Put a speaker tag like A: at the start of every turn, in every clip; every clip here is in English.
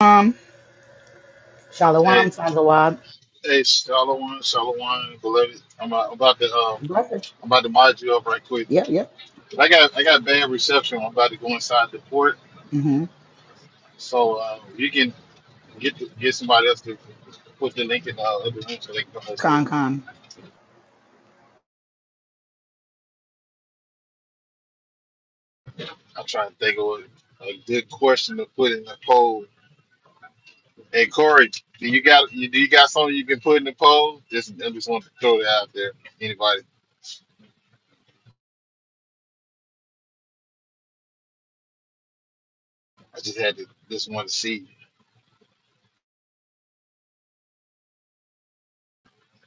A: Um,
B: Hey,
A: Shalom, Sanzawad.
B: hey, Shalawan, Shalawan, beloved. I'm about, I'm about to, uh,
A: Blessed.
B: I'm about to mod you up right quick.
A: Yep, yep.
B: I got, I got bad reception. I'm about to go inside the port,
A: Mm-hmm.
B: so uh, you can get the, get somebody else to put the link in the other room so they can come over here.
A: Con, con.
B: I'm trying to think of a, a good question to put in the poll. Hey, Corey, do you got, you, do you got something you can put in the poll? Just, I just want to throw that out there. Anybody? I just had to, just want to see.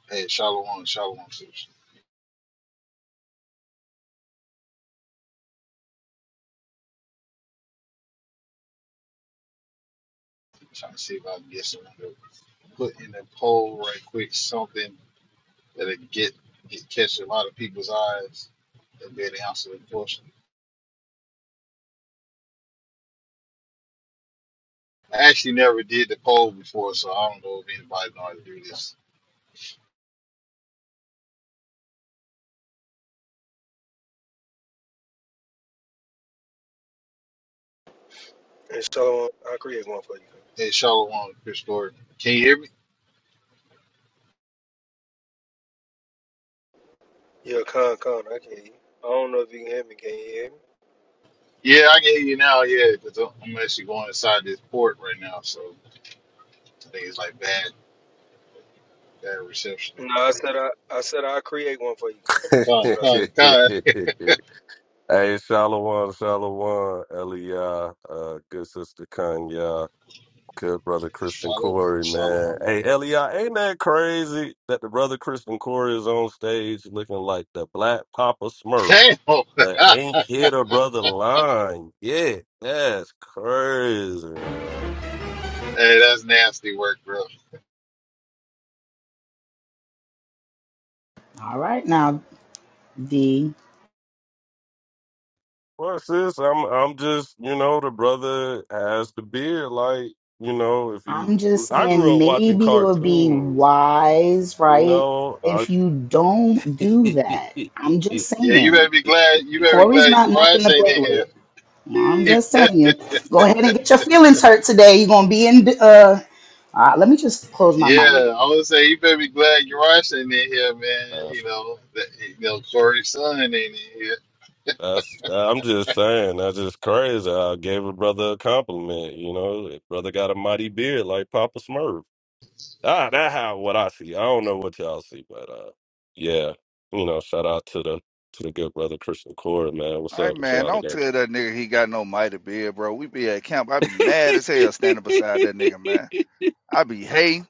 B: Hey, Shalawan, Shalawan, too. Trying to see if I can get someone. put in a poll right quick something that'll get, get catch a lot of people's eyes and be an answer the question. I actually never did the poll before, so I don't know if anybody know how to do this.
C: Hey, Solomon, I'll create one for you.
B: Hey, Shalom, Chris Gordon. Can you hear me?
C: Yeah, con, con, I can hear you. I don't know if you can hear me. Can you hear me?
B: Yeah, I can hear you now. Yeah, because I'm actually going inside this port right now, so I think it's like bad, bad reception up
C: No, I
B: in here.
C: said I, I said I'll create one for you, Ken. That's
B: Come,
D: hey,
C: what I
B: come,
C: said.
B: come.
D: Shalom, Shalom, Elia, uh, good sister Kanya, good brother Kristen
B: Shalom,
D: Corey, man.
B: shalom.
D: Hey, Elia, ain't that crazy that the brother Kristen Corey is on stage looking like the black Papa Smurf,
B: Damn.
D: but ain't
B: hey,
D: hit a brother line? Yeah, that's crazy. man.
B: that's nasty work, bro.
A: All right, now, D.
D: Well, sis, I'm I'm just you know the brother has the beard. Like you know, if you
A: I'm just
D: I grew
A: saying
D: up watching
A: maybe it would be
D: cartoons
A: wise,
D: You
A: right,
D: know, I...
A: if you don't do that. I'm just
B: Yeah, you
A: saying.
B: better be glad. You better be
A: Corey's
B: glad
A: not
B: Uriah
A: nothing to
B: ain't
A: play
B: in here.
A: with. I'm
B: He
A: just telling
B: better-
A: you. Go ahead and get your feelings hurt today. You're going to be in. Uh, all right, let me just close my mic.
B: yeah, I would say you better be glad Uriah ain't in here, man.
D: that's,
B: You know, that, you know, Corey's son ain't in here.
D: that's- I'm just saying, that's just crazy. I gave a brother a compliment. You know, brother got a mighty beard like Papa Smurf. Ah, that how what I see. I don't know what y'all see, but uh, yeah, you know, shout out to the to the good brother Christian Cord, man. What's
E: Hey
D: up with
E: man,
D: y'all
E: don't
D: today?
E: tell that nigga he got no mighty beard, bro. We be at camp. I be mad as hell standing beside that nigga, man. I be hate.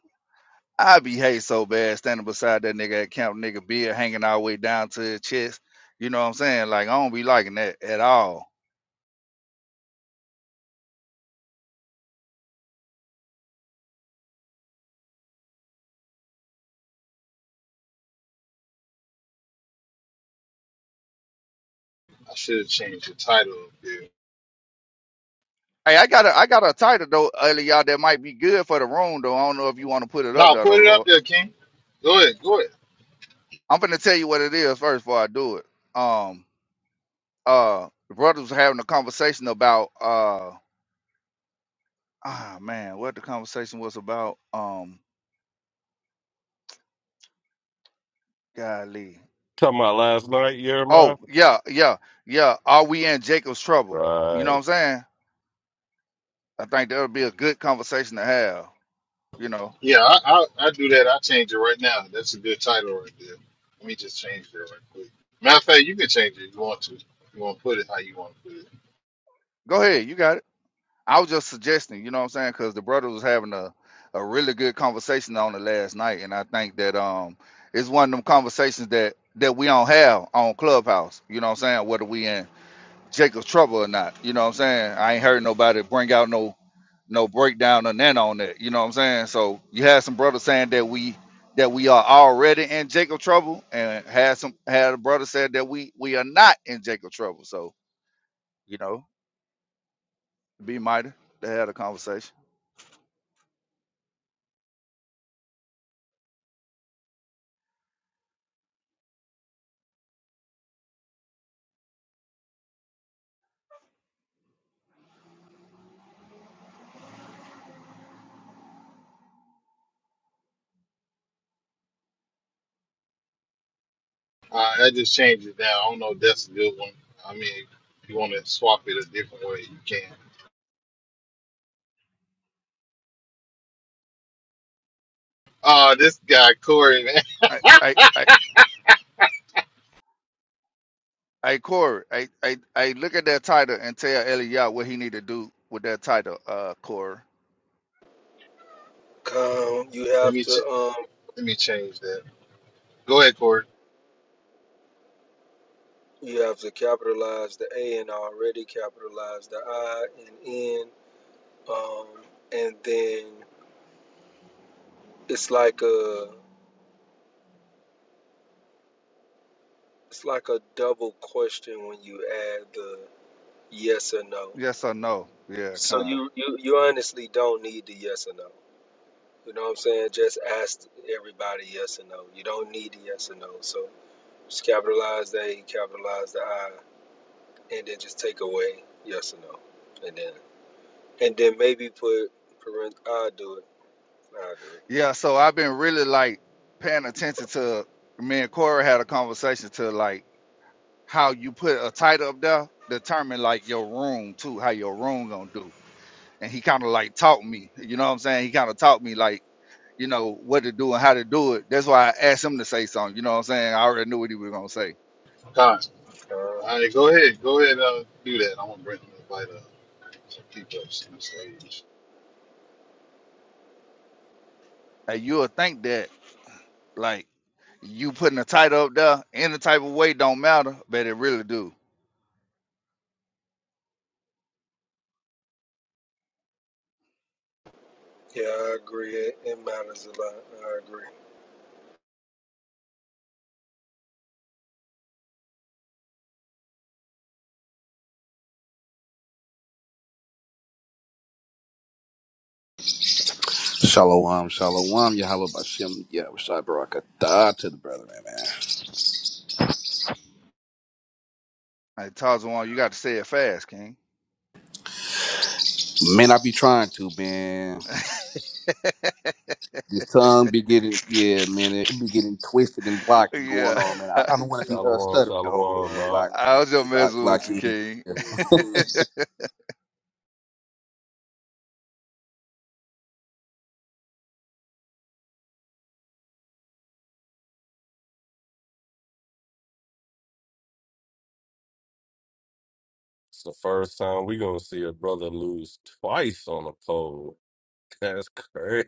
E: I be hate so bad standing beside that nigga at camp, nigga beard hanging all the way down to his chest. You know what I'm saying? Like I don't be liking that at all.
B: I should have changed the title up there.
E: Hey, I got a I got a title though, early y'all that might be good for the room though. I don't know if you want to put it up
B: No,
E: though, though,
B: put it up
E: Lord.
B: there, King. Go ahead, go ahead.
E: I'm gonna tell you what it is first before I do it. Um, uh, the brothers were having a conversation about uh. Ah man, what the conversation was about? Um, golly.
D: Talking about last night, Jeremiah.
E: Oh yeah, yeah, yeah. Are we in Jacob's trouble? You know what
D: Right.
E: I'm saying? I think that would be a good conversation to have. You know,
B: Yeah, I, I I do that. I change it right now. That's a good title right there. Let me just change it right quick. Matter of fact, you can change it if you want to. You want to put it how you want to put it.
E: go ahead, you got it. I was just suggesting. You know what I'm saying? Because the brother was having a a really good conversation on it last night, and I think that um, it's one of them conversations that that we don't have on Clubhouse. You know what I'm saying? Whether we in Jacob's trouble or not. You know what I'm saying? I ain't heard nobody bring out no no breakdown or none on that. You know what I'm saying? So you had some brothers saying that we that we are already in Jacob trouble, and had some had a brother said that we we are not in Jacob trouble. So you know, be mighty. They had a conversation.
B: Uh, I just changed it down. I don't know if that's a good one. I mean, if you want to swap it a different way, you can. Oh, this guy Corey, man.
E: I I I I Corey, I I I look at that title and tell Eliot what he need to do with that title. Uh, Corey,
C: Con, you
B: Let
C: have
B: me ch-
C: to, um,
B: let me change that. Go ahead, Corey.
C: you have to capitalize the A and already capitalize the I and N, um, and then it's like a, it's like a double question when you add the yes or no.
E: yes or no? Yeah,
C: So
E: come.
C: you, you, you honestly don't need the yes or no. You know what I'm saying? Just ask everybody yes or no. You don't need the yes or no. So just capitalize the A, capitalize the I, and then just take away yes or no. And then and then maybe put parent I'll do it. I'll do it.
E: Yeah, so I've been really like paying attention to me and Corey had a conversation to like how you put a title up there determine like your room too, how your room gonna do. And he kind of like taught me, you know what I'm saying? He kind of taught me like, you know, what to do and how to do it. That's why I asked him to say something, you know what I'm saying? I already knew what he was gonna say.
B: Con.
C: Uh,
B: All right, go ahead. Go ahead. Uh, do that. I'm gonna bring invite uh, some people up to the stage.
E: And you would think that like you putting a title up there any type of way don't matter, but it really do.
C: yeah, I agree. It, it matters a lot. I agree.
F: Shalom, shalom, Yahweh Bashem, Yahweh Shai Barakatah to the brother, man, man.
E: Like Tarzan, you got to say it fast, King.
F: Man, I be trying to, man. This tongue be getting, yeah, man, it be getting twisted and blocked and going
E: yeah.
F: on, man. I, I don't want to be uh,
D: Shalom,
F: stuttering the whole,
D: shalom,
F: uh,
D: ma.
F: like,
E: I was just
F: like,
E: messing
F: like,
E: with you,
F: he-
E: King.
F: yeah.
D: It's the first time we gonna see a brother lose twice on a poll. That's crazy.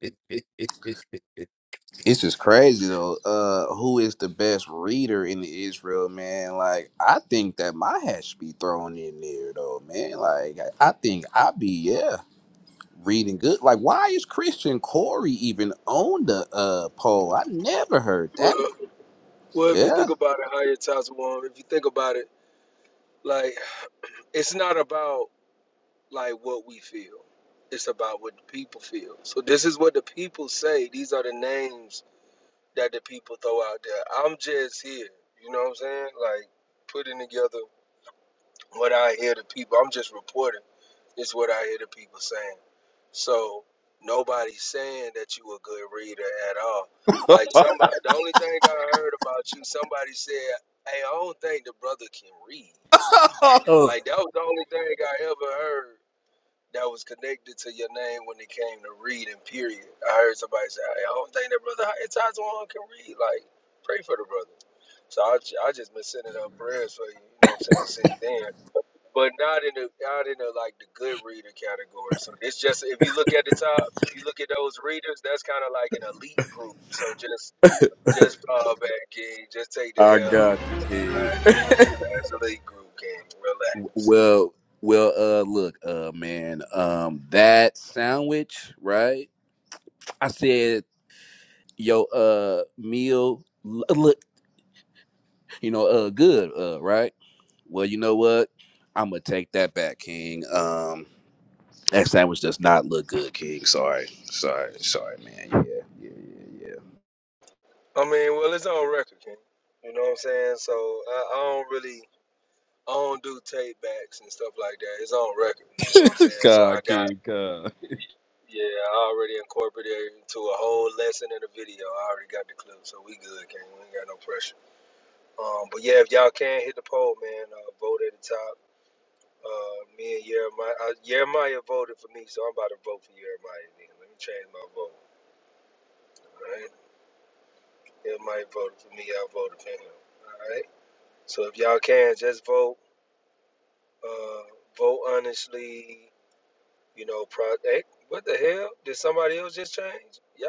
F: it's just crazy though. Uh, who is the best reader in Israel, man? Like, I think that my hat should be thrown in there, though, man. Like, I I think I be, yeah. reading good. Like, why is Christian Corey even on the uh poll? I never heard that.
C: Well, well, if you
F: Yeah.
C: think about it, higher Tazawam, if you think about it, like it's not about like what we feel. It's about what the people feel. So this is what the people say. These are the names that the people throw out there. I'm just here, you know what I'm saying? Like putting together what I hear the people. I'm just reporting. It's what I hear the people saying. So nobody's saying that you a good reader at all. Like somebody, the only thing I heard about you, somebody said, "Hey, I don't think the brother can read."
F: Oh,
C: Like that was the only thing I ever heard that was connected to your name when it came to reading, period. I heard somebody say, "Hey, I don't think that brother Tajuan can read. Like, pray for the brother. So I, ju- I just been sending up prayers for you, you know what I'm saying, since then. But not in the not in the like the good reader category. So it's just if you look at the top, if you look at those readers, that's kind of like an elite group. So just just fall back, King. Just take the
F: I
C: hell on
F: got
C: it.
F: you, kid.
C: Like, that's elite group, King. Relax.
F: Well, well, uh, look, uh, man, um, that sandwich, right? I said, yo, uh, meal, l- look, you know, uh, good, uh, right? Well, you know what? I'm gonna take that back, King. Um, that sandwich does not look good, King. Sorry, sorry, sorry, man. Yeah, yeah, yeah, yeah.
C: I mean, well, it's on record, King. You know what I'm saying? So I, I don't really, I don't do tape backs and stuff like that. It's on record. You know what I'm saying? So I
F: God,
C: got,
F: kid, God.
C: yeah, I already incorporated it into a whole lesson in the video. I already got the clip, so we good, King. We ain't got no pressure. Um, but yeah, if y'all can hit the poll, man, uh, vote at the top. Uh, me and Jeremiah, uh, Jeremiah voted for me, so I'm about to vote for Jeremiah. Then. Let me change my vote. All right, Jeremiah voted for me. I voted for him. All right. So if y'all can, just vote. Uh, vote honestly. You know, pro. Hey, what the hell? Did somebody else just change? Yeah.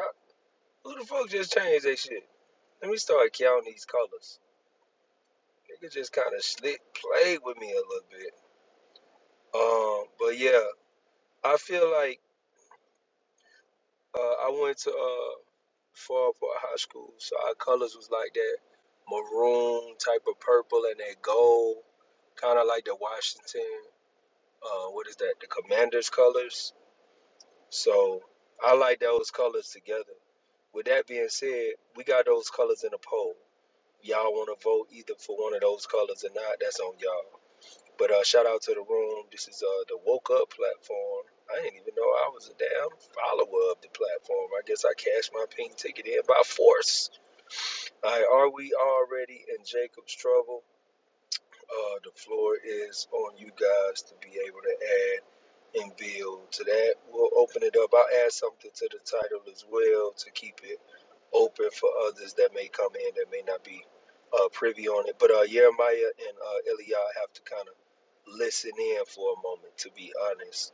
C: Who the fuck just changed that shit? Let me start counting these colors. Nigga just kind of slick played with me a little bit. Um, but yeah, I feel like uh, I went to uh, Farport High School, so our colors was like that maroon type of purple and that gold, kind of like the Washington. Uh, what is that? The Commanders colors So I like those colors together. With that being said, we got those colors in a poll. Y'all want to vote either for one of those colors or not? That's on y'all. But uh, shout out to the room. This is uh, the Woke Up platform. I didn't even know I was a damn follower of the platform. I guess I cashed my pink ticket in by force. All right, are we already in Jacob's trouble? Uh, the floor is on you guys to be able to add and build to that. We'll open it up. I'll add something to the title as well to keep it open for others that may come in that may not be uh, privy on it. But uh, Jeremiah and uh, Eliah have to kind of listen in for a moment, to be honest.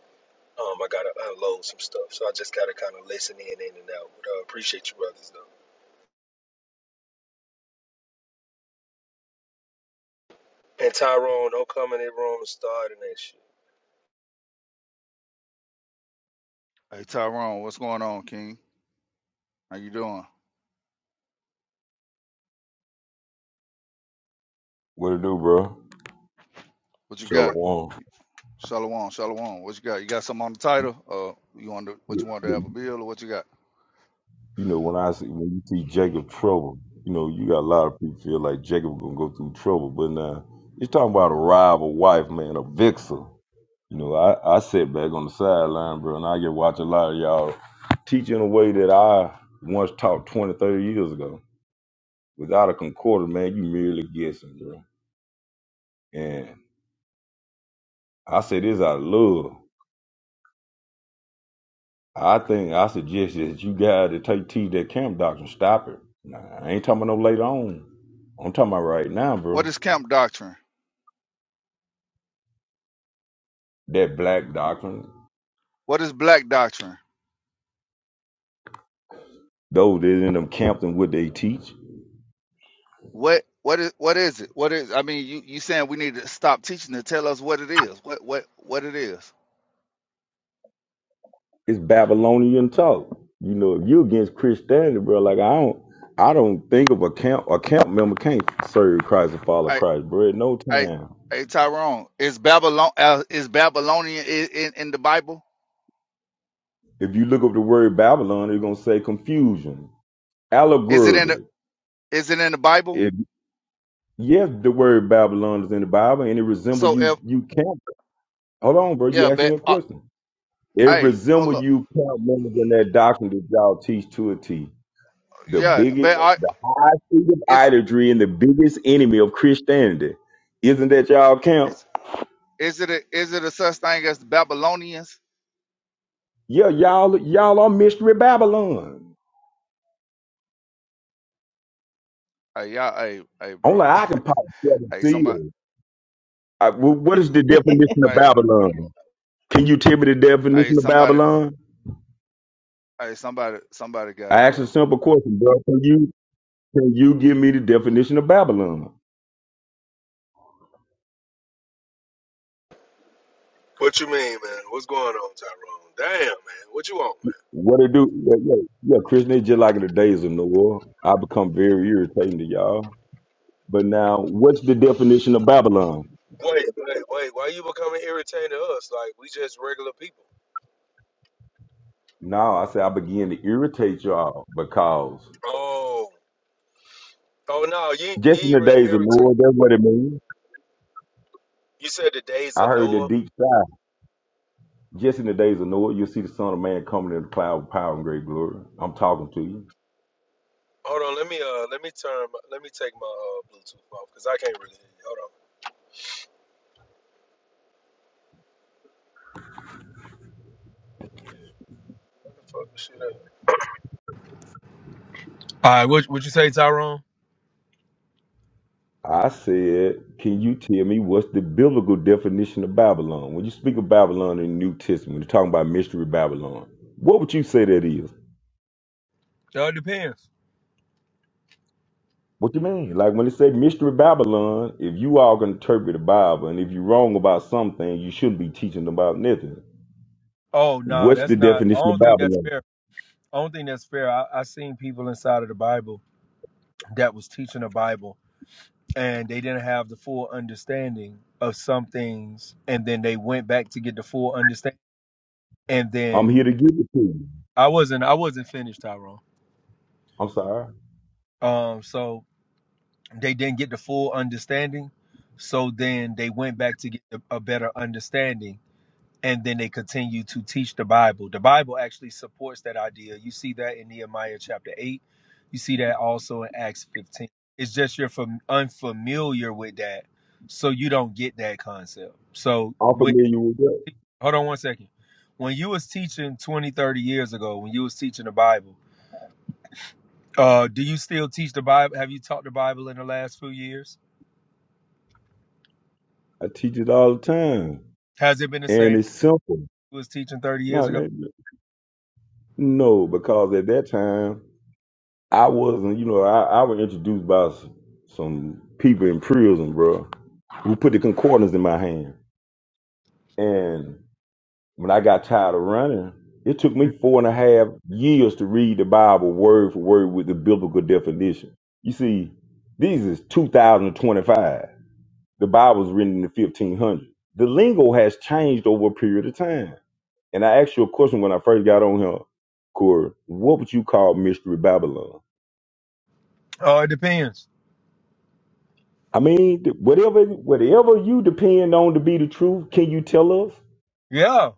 C: Um, I got to unload some stuff. So I just got to kind of listen in, in and out. But I uh, appreciate you, brothers, though. And Tyrone, don't come in that room starting that shit.
E: Hey, Tyrone, what's going on, King? How you doing?
G: What it do, bro?
E: What you got?
G: Shalom.
E: Shalom, shalom. What you got? You got something on the title? Uh, you want to, what
G: You
E: you want to have a bill or what you got?
G: know, when I see when you see Jacob trouble, you know, you got a lot of people feel like Jacob gonna go through trouble, but now you're talking about a rival wife, man, a vixen. You know, I, I sit back on the sideline, bro, and I get watch a lot of y'all teach in a way that I once taught 20, 30 years ago. Without a concorder, man, you merely guessing, bro. And I say this out of love. I think I suggest that you guys that take teach that camp doctrine, stop it. Nah, I ain't talking about no later on. I'm talking about right now,
E: What
G: bro.
E: is camp doctrine?
G: That black doctrine,
E: What is black doctrine?
G: those that in them camps and what they teach,
E: What what is what is it? What is I mean you you saying we need to stop teaching to tell us what it is. What what what it is.
G: it's Babylonian talk. You know, if you against Christianity, bro, like I don't I don't think of a camp a camp member can't serve Christ and follow
E: I
G: Christ, bro, at no
E: I
G: time.
E: hey Tyrone, is Babylon uh, is Babylonian in, in, in the Bible?
G: If you look up the word Babylon, they're gonna say confusion,
E: Is it in?
G: allegorically.
E: Is it in the Bible?
G: Yes, the word Babylon is in the Bible, and it resemble
E: So
G: you.
E: if
G: You can't hold on, bro. You
E: yeah,
G: asked me
E: but
G: a
E: uh,
G: question. It
E: hey,
G: resemble
E: hold up.
G: you camp members in that doctrine that y'all teach to a T. The
E: Yeah,
G: biggest,
E: but I
G: the high seat of
E: it's
G: idolatry, and the biggest enemy of Christianity. Isn't that y'all camp?
E: it's is it a, is it a such thing as the Babylonians?
G: Yeah, y'all, y'all are mystery Babylon.
E: Hey, y'all, hey, hey,
G: Only
E: bro.
G: I can pop seven
E: Hey, somebody,
G: seals. I, wh- what is the definition of
E: hey,
G: Babylon? Can you tell me the
E: hey,
G: definition of
E: somebody,
G: Babylon?
E: hey, somebody, somebody got
G: I
E: it,
G: asked a
E: bro.
G: simple question, bro. Can you? Can you give me the definition of Babylon?
C: What you mean, man? What's going on, Tyrone? Damn, man. What you want, man?
G: What it do? Yeah, yeah, yeah Christian, it's just like in the days of Noah. I become very irritating to y'all. But now, what's the definition of Babylon?
C: Wait, wait, wait. Why you becoming irritating to us? Like we just regular people.
G: Now, I say I begin to irritate y'all because
C: Oh, oh no, you ain't- you
G: just in
C: ain't
G: the
C: really
G: days of
C: irritating.
G: Noah, that's what it means.
C: You said the days
G: I
C: of
G: heard that
C: Noah.
G: deep sigh. Just in the days of Noah, you'll see the Son of Man coming in the cloud with power and great glory. I'm talking to you.
C: Hold on, let me uh, let me turn, my, let me take my uh Bluetooth off because I can't really hear you. Hold on. What the fuck this shit up? All right, what what you say, Tyrone?
G: I said, can you tell me what's the biblical definition of Babylon? When you speak of Babylon in the New Testament, you're talking about mystery Babylon. What would you say that is?
C: It all depends.
G: What you mean? Like when it say mystery Babylon, if you all can interpret the Bible, and if you're wrong about something, you shouldn't be teaching about nothing.
C: Oh no,
G: What's the
C: that's not. I
G: definition of
C: don't think that's
G: Babylon?
C: fair. I don't think that's fair. I, I seen people inside of the Bible that was teaching the Bible and they didn't have the full understanding of some things, and then they went back to get the full understanding. And
G: I'm
C: then
G: here to give it to you.
C: I wasn't. I wasn't finished, Tyrone.
G: I'm sorry.
C: Um, so they didn't get the full understanding. So then they went back to get a a better understanding and then they continue to teach the Bible. The Bible actually supports that idea. You see that in Nehemiah chapter 8. You see that also in Acts 15. It's just you're fam- unfamiliar with that, so you don't get that concept. So,
G: I'm
C: when,
G: familiar with that.
C: hold on one second. When you was teaching 20, 30 years ago, when you was teaching the Bible, uh, do you still teach the Bible? Have you taught the Bible in the last few years?
G: I teach it all the time.
C: Has it been the
G: And
C: same
G: it's simple.
C: you was teaching 30
G: No,
C: years ago?
G: no, no, because at that time I wasn't, you know, I, I was introduced by s- some people in prison, bro, who put the concordance in my hand. And when I got tired of running, it took me four and a half years to read the Bible word for word with the biblical definition. You see, this is 2025. The Bible was written in the 1500s. The lingo has changed over a period of time. And I asked you a question when I first got on here, Corey. What would you call Mystery Babylon?
C: Oh, it depends.
G: I mean, th- whatever whatever you depend on to be the truth, can you tell us?
C: Yeah,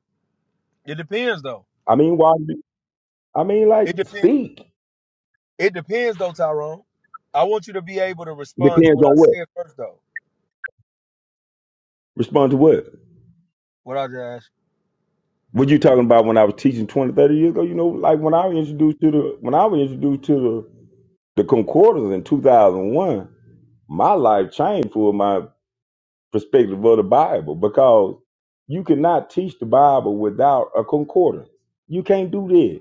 C: it depends though.
G: I mean, why? I mean, like,
C: It depends.
G: speak.
C: It depends though, Tyrone. I want you to be able to respond to
G: Depends
C: what I
G: on what?
C: said first though.
G: Respond to what?
C: What I just asked
G: What you talking about when I was teaching 20, 30 years ago? You know,
C: you. Yeah,
G: like when I was introduced to the when I was introduced to the the concordance in two thousand one, my life changed for my perspective of the Bible because you cannot teach the Bible without a concordance. You can't do that.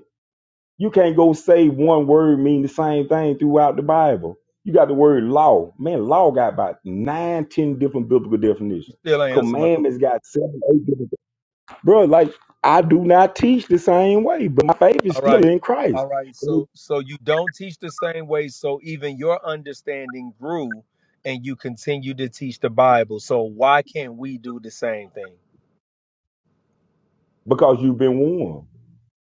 G: You can't go say one word mean the same thing throughout the Bible. You got the word law. Man, law got about nine, ten different biblical
C: You
G: definitions.
C: still ain't answer my question.
G: Commandments got seven, eight different. Bro, like I do not teach the same way, but my faith is
C: All
G: still
C: right.
G: in Christ
C: All right. So so you don't teach the same way, so even your understanding grew and you continue to teach the Bible. So why can't we do the same thing?
G: because you've been warned.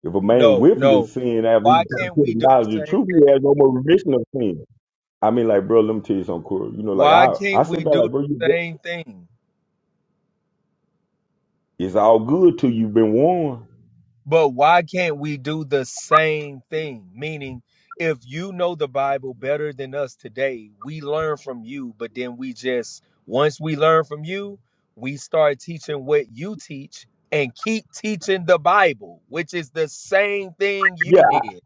G: If a man
C: No,
G: willfully
C: no.
G: sin after he
C: Why
G: comes
C: can't
G: to the
C: we do the
G: knowledge of the
C: same
G: truth,
C: thing?
G: he has no more remission of sin. I mean, like, bro, let me tell you something, cool. You know, like
C: Why
G: I, I
C: can't we
G: sit back,
C: do
G: like, bro, you,
C: the same thing?
G: it's all good till you've been warned.
C: But why can't we do the same thing? Meaning, if you know the Bible better than us today, we learn from you, but then we just, once we learn from you, we start teaching what you teach and keep teaching the Bible, which is the same thing you did.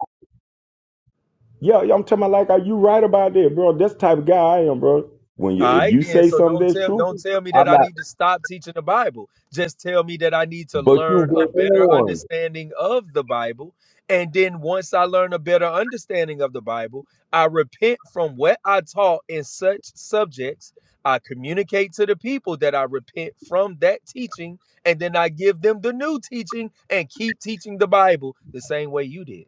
G: Yeah, yeah, I'm talking about like, are you right about that, bro? That's the type of guy I am, bro. When you
C: All
G: if
C: right,
G: you
C: then.
G: say
C: So
G: something
C: don't
G: that's
C: tell
G: true,
C: don't tell me that
G: I'm
C: I
G: not.
C: need to stop teaching the Bible. Just tell me that I need to
G: But you
C: learn a
G: been
C: better
G: on.
C: understanding of the Bible. And then once I learn a better understanding of the Bible, I repent from what I taught in such subjects. I communicate to the people that I repent from that teaching, and then I give them the new teaching and keep teaching the Bible the same way you did.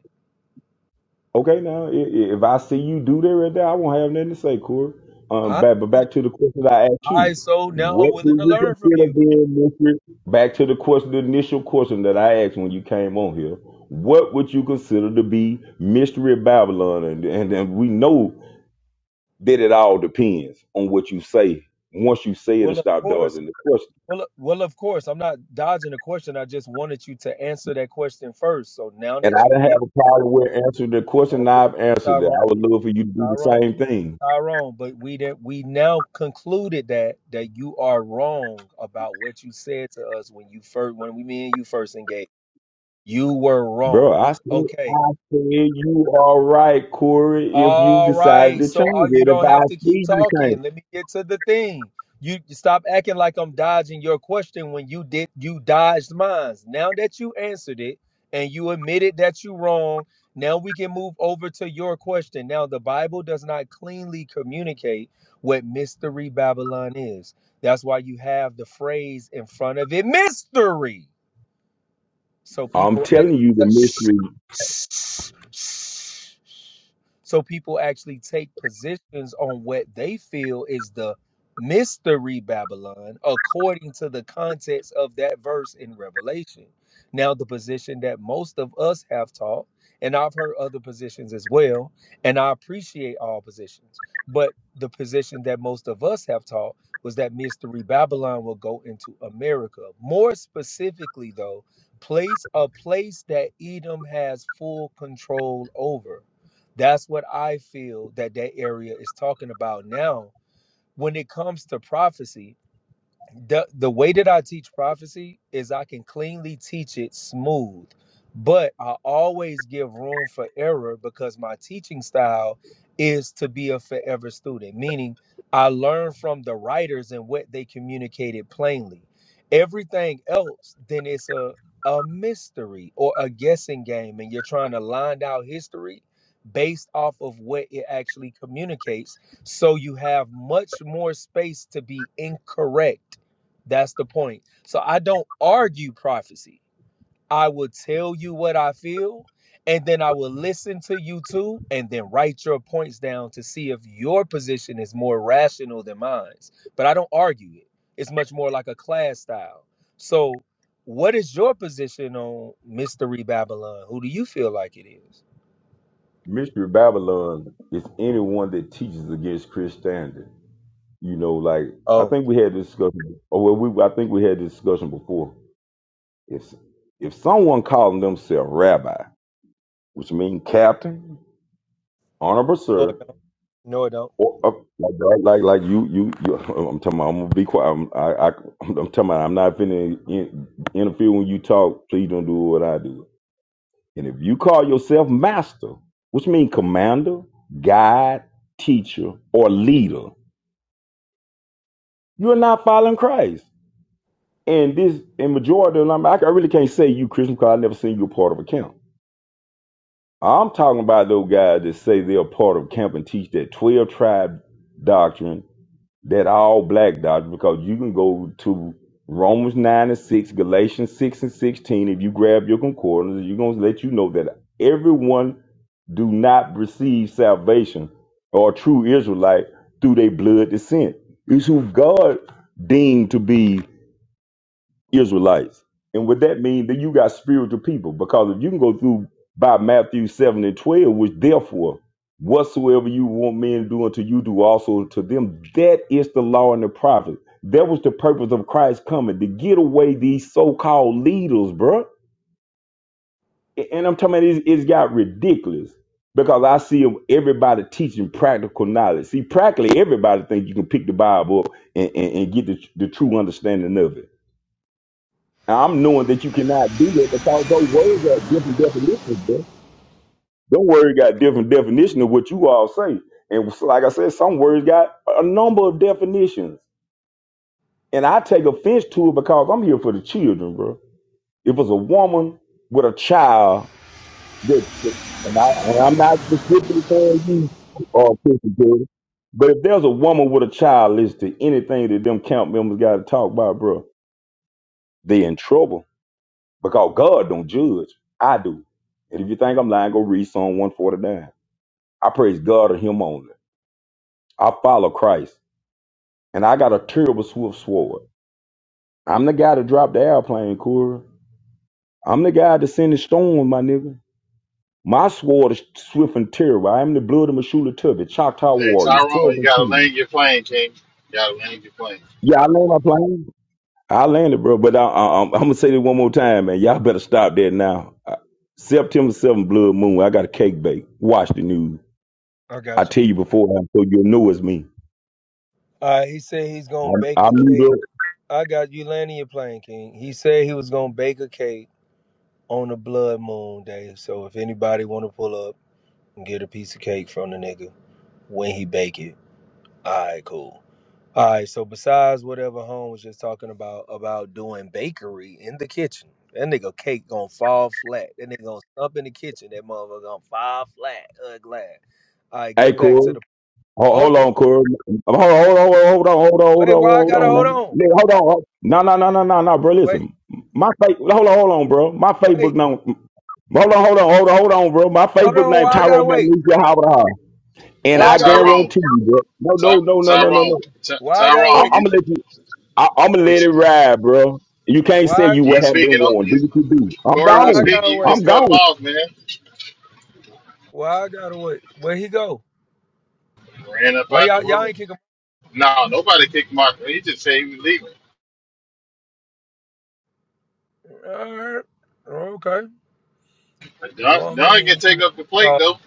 G: Okay, now i- i- if I see you do that right there, I won't have nothing to say, Corey.
C: All
G: Um,
C: right.
G: back, but back to the question that I asked
C: All
G: you.
C: right. So now I'm
G: What do
C: willing to
G: you
C: learn from
G: consider
C: you.
G: being mystery? Back to the question, the initial question that I asked when you came on here. What would you consider to be mystery Babylon? And and, and we know That it all depends on what you say. Once you say it and
C: Well, of
G: stop
C: course.
G: dodging the question.
C: Well, uh, well, of course, I'm not dodging the question. I just wanted you to answer that question first. So now
G: And I
C: that you
G: didn't
C: get,
G: have a problem with answering the question.
C: hold
G: and
C: on,
G: I've answered it.
C: Tyrone,
G: I would love for you to do the
C: Tyrone,
G: same thing.
C: Tyrone. But we did, we now concluded that that you are wrong about what you said to us when you first, when we, me and you first engaged. You were
G: Bro,
C: wrong.
G: I said,
C: Okay.
G: I said you are right, Corey, if you
C: All
G: decided
C: right.
G: to
C: So
G: change
C: uh, you
G: it. If
C: don't
G: I
C: have to keep
G: see you change
C: talking.
G: it.
C: Let me get to the thing. You you stop acting like I'm dodging your question when you did you dodged mine. Now that you answered it and you admitted that you wrong, now we can move over to your question. Now the Bible does not cleanly communicate what mystery Babylon is. That's why you have the phrase in front of it, mystery. So
G: I'm
C: people
G: telling
C: actually
G: you the
C: ta- shh,
G: mystery
C: shh, shh. so people actually take positions on what they feel is the mystery Babylon according to the context of that verse in Revelation. Now the position that most of us have taught and I've heard other positions as well and I appreciate all positions, but the position that most of us have taught was that mystery Babylon will go into America. More specifically though, place a place that Edom has full control over. That's what I feel that that area is talking about now when it comes to prophecy the the way that I teach prophecy is I can cleanly teach it smooth, but I always give room for error because my teaching style is to be a forever student, meaning I learn from the writers and what they communicated plainly. Everything else, then it's a a mystery or a guessing game, and you're trying to line out history based off of what it actually communicates. So you have much more space to be incorrect that's the point. So I don't argue prophecy. I will tell you what I feel, and then I will listen to you too, and then write your points down to see if your position is more rational than mine. But I don't argue it. It's much more like a class style. So, what is your position on Mystery Babylon? Who do you feel like it is?
G: mystery Babylon is anyone that teaches against Christianity. You know, like I
C: Oh,
G: think we had this discussion or well, we I think we had this discussion before If if someone calling themselves rabbi, which means captain, honorable
C: no, it
G: sir,
C: don't. No, it don't.
G: or uh, like, like like like you you you, I'm telling you, I'm gonna be quiet. I'm, I I I'm telling you, I'm not finna in, interfere when you talk. Please don't do what I do. And if you call yourself master, which means commander, guide, teacher, or leader, you're not following Christ. And this, and majority of them, I, I really can't say you Christian because I never seen you a part of a camp. I'm talking about those guys that say they're part of camp and teach that 12 tribe doctrine, that all black doctrine, because you can go to Romans 9 and 6, Galatians 6 and 16. If you grab your concordance, you're going to let you know that everyone do not receive salvation or true Israelite through their blood descent. It's who God deemed to be Israelites. And what that means that you got spiritual people? Because if you can go through by Matthew 7 and 12, which therefore, whatsoever you want men to do unto you, do also to them, that is the law and the prophet. That was the purpose of Christ coming to get away these so called leaders, bruh. A- And I'm talking about it's, it's got ridiculous because I see 'em- everybody teaching practical knowledge. See, practically everybody think you can pick the Bible up and, and, and get the, the true understanding of it. Now, I'm knowing that you cannot do that because those words got different definitions. Bro. Them words got different definition of what you all say. And so, like I said, some words got a number of definitions. And I take offense to it because I'm here for the children, bro. If it's a woman with a child, that, that- and, I, and I'm not specifically saying you or Christian, Jordan, but if there's a woman with a child listed, anything that them camp members got to talk about, bro, they in trouble because God don't judge. I do. And if you think I'm lying, go read Psalm 149. I praise God and Him only. I follow Christ. And I got a terrible swift sword. I'm the guy that dropped the airplane, Corey. I'm the guy that sent the storm, my nigga. My sword is swift and terrible. I am the blood of Mashula Tubby, Choctaw
B: Hey,
G: Warrior,
B: Tyrone, you
G: Southern
B: gotta
G: King.
B: land your plane, King. You gotta land your plane.
G: Yeah, I land my plane. I landed, bro. But I, I, I'm, I'm going to say this one more time, man. Y'all better stop that now. Uh, September 7th, Blood Moon. I got a cake bake. Watch the news.
C: I
G: I
C: got you.
G: tell
C: King.
G: you beforehand so you'll know it's me.
C: All right, he said he's
G: I,
C: gonna bake
G: I
C: a
G: meet
C: cake.
G: her.
C: I got you landing your plane, King. He said he was gonna bake a cake on a blood moon day. So if anybody want to pull up and get a piece of cake from the nigga when he bake it, all right, cool. All right. So besides whatever Home was just talking about about doing bakery in the kitchen, that nigga cake gonna fall flat. That nigga gonna stump in the kitchen. That motherfucker gonna fall flat. Uh, glad. All right.
G: Hey,
C: Getting back to
G: Corey.
C: the
G: Hold,
C: hold.
G: hold on,
C: Whoa,
G: Corey. Hold on,
C: wha-
G: hold on, hold on, hold on, hold on, hold
C: wait. Why I
G: on, hold
C: gotta
G: on. Now.
C: hold on?
G: Nigga, Hold on. hold- No, no, no, no, no, no, bro.
C: Wait.
G: Listen, my fa- hold on, hold on, bro. My Facebook
C: Wait.
G: name. Hold on, hold on, hold on, hold on, bro. My
C: Hold
G: Facebook
C: on.
G: name
C: Why I gotta
G: Tyrone
C: wait?
G: Magnesia Howard Hall. And
B: Yeah,
C: Why
G: I
C: I gotta wait?
B: Tyrone.
G: guarantee you, bro. No, no,
B: Ty-
G: no, no, no, no,
B: Tyrone.
G: no.
B: Ty-
C: Why I gotta
G: I-
B: Tyrone.
C: wait?
G: I'm
B: You
G: gonna let you. I- I'm gonna
B: you
G: let it ride, bro. You can't say
C: Why?
G: you what
B: you
G: haven't been
B: speaking? up-
G: warned. Do
B: You,
G: what you do. I'm
B: Corey
C: Why
B: was
C: I
G: gone.
C: gotta
B: speaking. You
C: wait?
G: I'm
B: just cut him
G: gone.
B: off, man.
C: Well, I gotta wait. Where he go?
B: Ran up
C: Why
B: out the
C: y'all y'all
B: room.
C: ain't kick him?
B: No, nobody kicked Mark. He just said he was leaving.
C: All right. Okay.
B: Doug,
C: Well, I
B: Doug can
C: mean, you
B: take up the
C: know,
B: plate
C: uh,
B: though.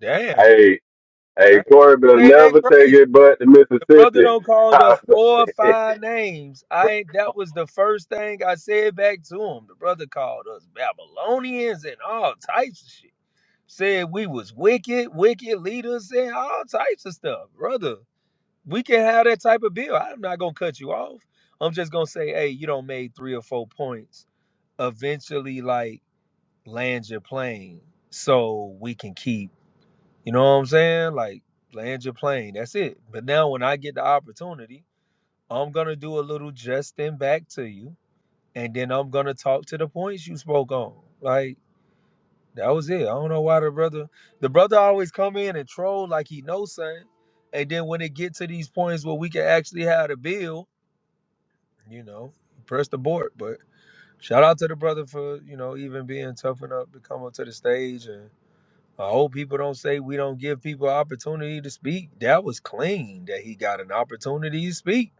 C: damn.
D: Hey,
C: I
D: hey,
C: ain't
D: Corey better
C: saying
D: never
C: that
D: take
C: crazy.
D: it but to
C: The brother
D: Mississippi.
C: don't called us four or five names. I ain't that was the first thing I said back to him. The brother called us Babylonians and all types of shit. Said we was wicked, wicked leaders and all types of stuff. Brother, we can have that type of bill. I'm not gonna cut you off. I'm just gonna say, hey, you don't made three or four points eventually like land your plane so we can keep you know what i'm saying like land your plane that's it but now when i get the opportunity i'm gonna do a little justin back to you and then i'm gonna talk to the points you spoke on like that was it i don't know why the brother the brother always come in and troll like he knows something and then when it get to these points where we can actually have the bill you know press the board but. Shout out to the brother for you know even being tough enough to come up to the stage. And I hope people don't say we don't give people opportunity to speak. That was clean that he got an opportunity to speak.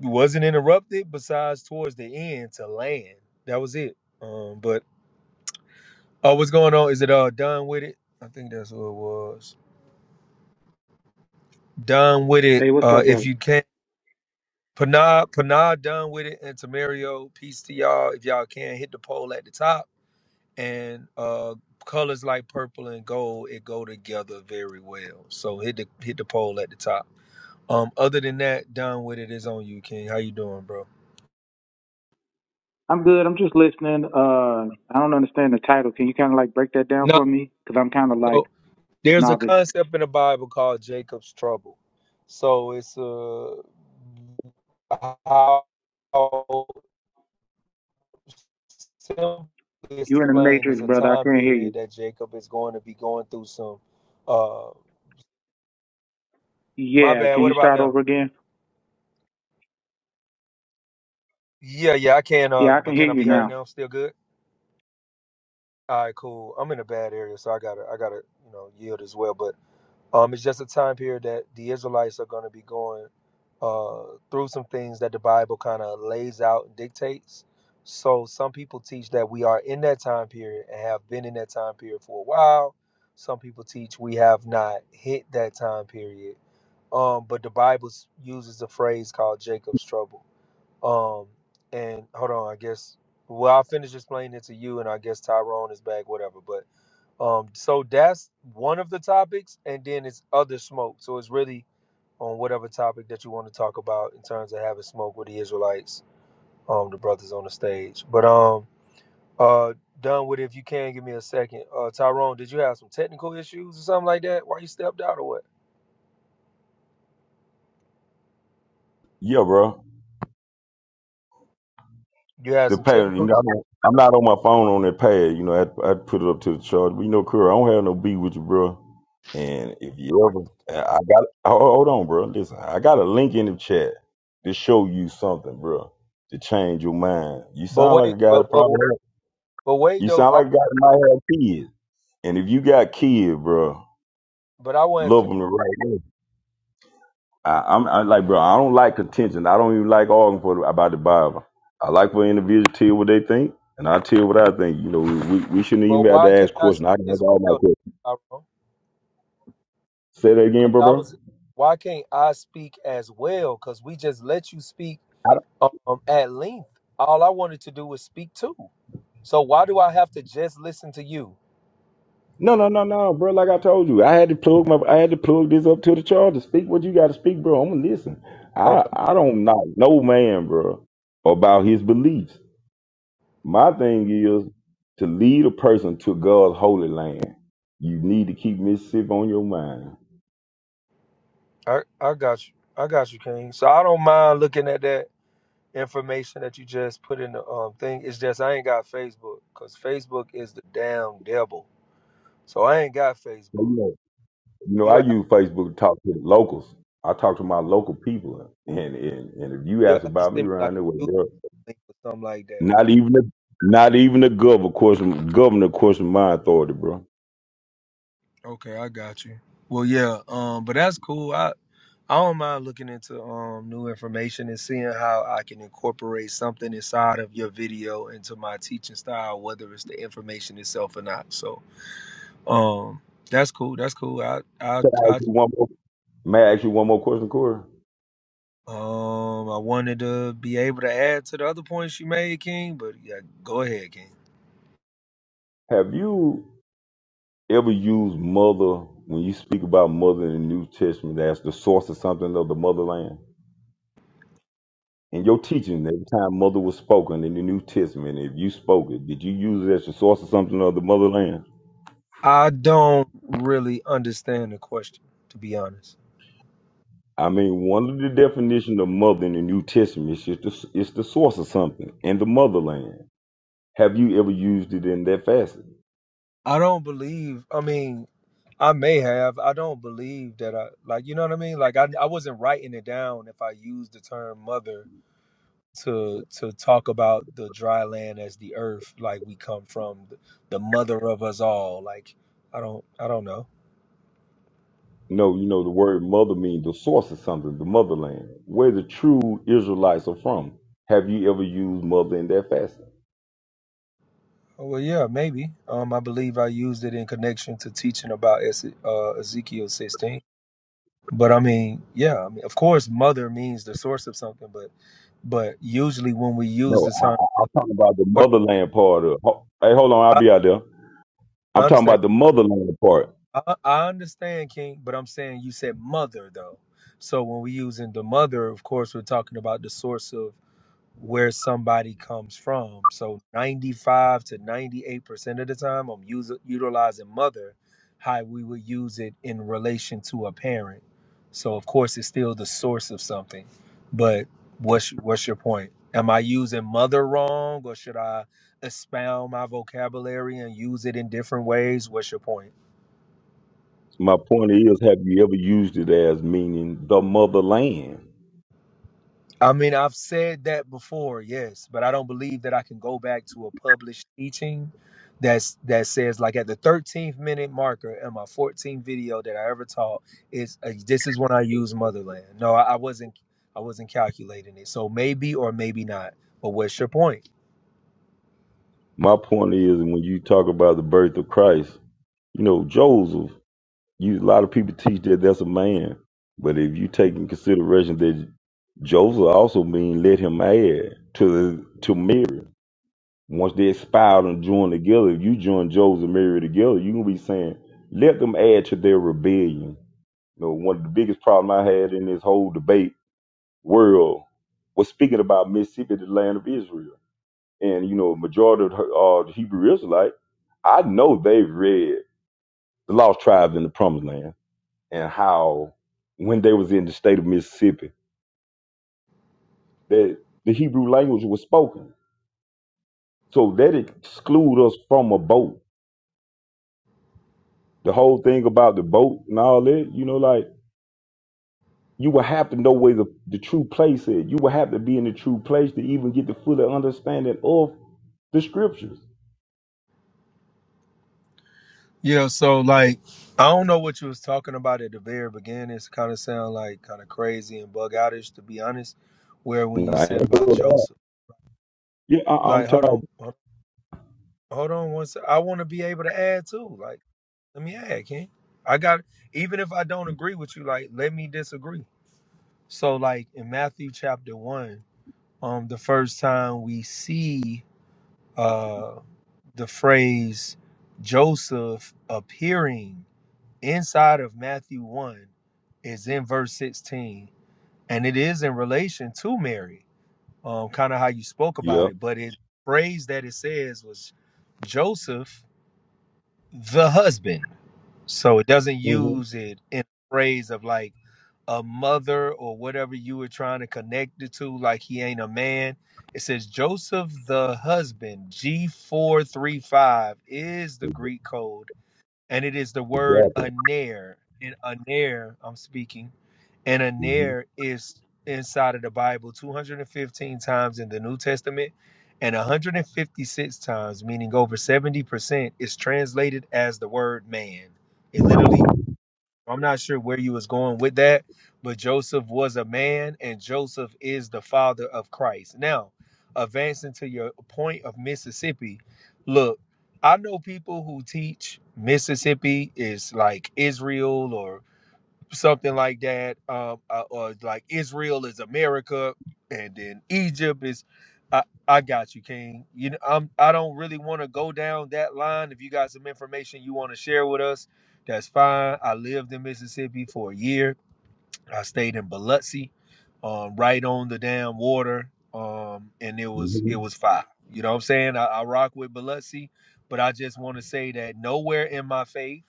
C: He wasn't interrupted. Besides, towards the end to land, that was it. Um, but oh, what's going on? Is it uh done with it? I think that's what it was. Done with it.
H: Hey, what's
C: Uh,
H: up, brother?
C: if you can. Panah, Panah done with it, and Tamario, peace to y'all. If y'all can hit the poll at the top, and uh colors like purple and gold it go together very well so hit the hit the pole at the top um other than that done with it is on you king how you doing bro
H: I'm good. I'm just listening. Uh, I don't understand the title. Can you kind of like break that down
C: no
H: for me? Because I'm kind of like
C: so there's a
H: novice.
C: concept in the bible called jacob's trouble so it's uh how simply
H: You in the
C: explained is
H: matrix,
C: a
H: brother. I
C: time
H: can't hear
C: period
H: you.
C: that jacob is going to be going through some uh my
H: Yeah.
C: bad
H: Can
C: what
H: you
C: about
H: start
C: now
H: over again?
C: yeah yeah i can uh
H: Yeah, I can
C: but
H: hear
C: can i
H: you
C: be
H: now.
C: heard now still good All right, cool. I'm in a bad area, so I gotta, I gotta, you know, yield as well. But um, it's just a time period that the Israelites are gonna be going uh through some things that the Bible kind of lays out and dictates. So some people teach that we are in that time period and have been in that time period for a while. Some people teach we have not hit that time period. Um, but the Bible s- uses a phrase called Jacob's trouble. Um, and hold on, I guess. Well, I'll finish explaining it to you, and I guess Tyrone is back, whatever. But um, so that's one of the topics, and then it's other smoke. So it's really on whatever topic that you want to talk about in terms of having smoke with the Israelites, um, the brothers on the stage. But um, uh, done with it if you can. Give me a second. Uh, Tyrone, did you have some technical issues or something like that? Why you stepped out or what?
G: Yeah, bro.
C: You had
G: the
C: some
G: pad. You
C: technical
G: know, I
C: issues.
G: do I'm not on my phone on that pad. You know, I I put it up to the charge. But you know, Curry, I don't have no beef with you, bro. And if you ever, I I got hold hold on, bro. Listen, I got a link in the chat to show you something, bro, to change your mind. You
C: But
G: sound like
C: wait,
G: a guy
C: but
G: that
C: but
G: probably
C: but wait
G: you
C: though.
G: sound
C: I,
G: like a guy that might have kids. And if you got kids, bro,
C: but I wasn't finished.
G: love them the right way. I, I'm, i like, bro, I don't like contention. I don't even like arguing for the, about the Bible. I like for individuals to tell what they think, and I tell what I think. You know, we, we, we shouldn't even
C: But
G: have to
C: why can't
G: ask
C: I
G: questions.
C: speak
G: I can
C: as
G: answer all my
C: well,
G: questions.
C: Tyrone?
G: Say that again,
C: Because
G: bro,
C: I
G: bro.
C: was. Why can't I speak as well? Because we just let you speak
G: I don't,
C: um, at length. All I wanted to do was speak too. So why do I have to just listen to you?
G: no, no, no, no, bro. Like I told you, I had to plug my, I had to plug this up to the charger. Speak what you got to speak, bro. I'm gonna listen. I,
C: Okay,
G: I don't knock no man, bro, about his beliefs. My thing is to lead a person to God's holy land. You need to keep Mississippi on your mind.
C: I I got you. I got you, King. So I don't mind looking at that information that you just put in the um thing. It's just I ain't got Facebook because Facebook is the damn devil. So I ain't got Facebook.
G: You know,
C: You
G: I
C: have
G: use Facebook to talk to the locals. I talk to my local people, and and, and if you
C: you have
G: ask
C: to
G: about me
C: send me like
G: around there,
C: a
G: well,
C: YouTube
G: bro,
C: link or something like that.
G: not even the not even the governor question governor question my authority, bro.
C: Okay, I got you. Well, yeah, um, but that's cool. I I don't mind looking into um new information and seeing how I can incorporate something inside of your video into my teaching style, whether it's the information itself or not. So, um, that's cool. That's cool. I I
G: Ask
C: I
G: you one more- May I ask you one more question, Corey?
C: um I wanted to be able to add to the other points you made, King. But yeah, go ahead, King.
G: Have you ever used mother when you speak about mother in the New Testament as the source of something of the motherland? In your teaching, every time mother was spoken in the New Testament, if you spoke it, did you use it as the source of something of the motherland?
C: I don't really understand the question, to be honest.
G: I mean, one of the definition of mother in the New Testament is just the, it's the source of something in the motherland. Have you ever used it in that facet?
C: I don't believe. I mean, I may have. I don't believe that I like. You know what I mean? Like I, I wasn't writing it down. If I used the term mother to to talk about the dry land as the earth, like we come from, th- the mother of us all. Like I don't. I don't know.
G: No, you know the word mother means the source of something, the motherland, where the true Israelites are from. Have you ever used mother in that facet?
C: Oh, Well, yeah, maybe. Um, I believe I used it in connection to teaching about Eze- uh, Ezekiel 16. But I mean, yeah. I mean, of course, mother means the source of something, but but usually when we
G: No,
C: use the
G: I,
C: term,
G: I- I'm talking about the motherland part of. ho- Hey, hold on, I'll be out there. I'm
C: I
G: talking
C: understand.
G: about the motherland part.
C: I, I understand, King, but I'm saying you said mother though. So when we using the mother, of course, we're talking about the source of where somebody comes from. So 95 to 98 percent of the time, I'm using utilizing mother, how we would use it in relation to a parent. So of course, it's still the source of something. But what's what's your point? Am I using mother wrong, or should I expound my vocabulary and use it in different ways? What's your point?
G: My point is, have you ever used it as meaning the motherland?
C: I mean, I've said that before, yes, but I don't believe that I can go back to a published teaching that's that says like at the 13th minute marker in my 14th video that I ever taught is uh, this is when I use motherland. No, I, I wasn't I wasn't calculating it. So maybe or maybe not. But what's your point?
G: My point is, when you talk about the birth of Christ. You know, Joseph, you a lot of people teach that that's a man. But if you take in consideration that Joseph also mean let him add to the to Mary. Once they expired and joined together, if you join Joseph and Mary together, you're gonna be saying, let them add to their rebellion. You know, one of the biggest problem I had in this whole debate world was speaking about Mississippi, the land of Israel. And you know, majority of the, uh, the Hebrew Israelite, I know they've read The Lost Tribes in the Promised Land. and how when they was in the state of Mississippi that the Hebrew language was spoken. So that exclude us from a boat. The whole thing about the boat and all that, you know, like you would have to know where the, the true place is. You would have to be in the true place to even get the fuller understanding of the scriptures.
C: Yeah, so like I don't know what you was talking about at the very beginning. It's kind of sound like kind of crazy and bug outish to be honest. Where when you
G: Nah, I
C: said
G: ain't
C: about
G: doing that.
C: Joseph,
G: Yeah, I, I'm
C: like
G: talking.
C: hold on,
G: about-
C: hold Hold on one sec. I want to be able to add too. Like, let me add, King. I got even if I don't agree with you, like, let me disagree. So, like in Matthew chapter one, um, the first time we see uh the phrase Joseph appearing inside of Matthew one is in verse 16. And it is in relation to Mary, um, kind of how you spoke
G: Yeah,
C: about it, but it phrase that it says was Joseph the husband. So it doesn't
G: hmm
C: use it in phrase of like a mother or whatever you were trying to connect it to, like he ain't a man. It says Joseph the husband, G435 is the Greek code and it is the word
G: exactly.
C: aner. in aner, I'm speaking, and
G: hmm
C: aner is inside of the Bible 215 times in the New Testament and 156 times, meaning over 70%, is translated as the word man. It literally I'm not sure where you was going with that, but Joseph was a man and Joseph is the father of Christ. Now, advancing to your point of Mississippi, look, I know people who teach Mississippi is like Israel or something like that, um, uh, or like Israel is America, and then Egypt is. I, I got you, King. You know, I'm. I don't really want to go down that line. If you got some information you want to share with us, that's fine. I lived in Mississippi for a year. I stayed in Biloxi, um, right on the damn water, um, and it was
G: hmm
C: it was fire. You know what I'm saying? I, I rock with Biloxi, but I just want to say that nowhere in my faith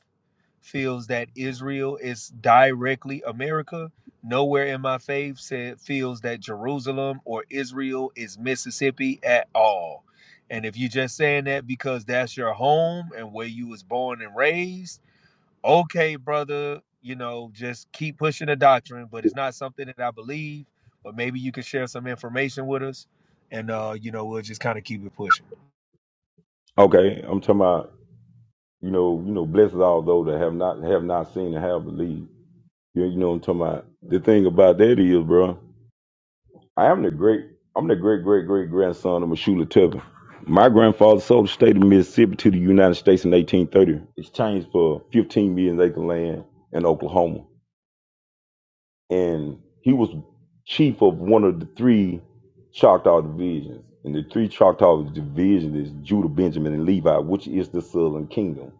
C: feels that Israel is directly America. Nowhere in my faith said feels that Jerusalem or Israel is Mississippi at all. And if you are just saying that because that's your home and where you was born and raised, okay, brother, you know, just keep pushing the doctrine, but it's not something that I believe. But maybe you could share some information with us, and uh, you know, we'll just kind of keep it pushing.
G: Okay, I'm talking about you know, you know, blessed are those that have not have not seen and have believed. You, you know what I'm talking about? The thing about that is, bro, I am the great, I'm the great, great, great grandson of Mashula Tubman. My grandfather sold the state of Mississippi to the United States in 1830. It's changed for 15 million acre land in Oklahoma. And he was chief of one of the three Choctaw divisions. And the three Choctaw divisions is Judah, Benjamin, and Levi, which is the Southern Kingdom.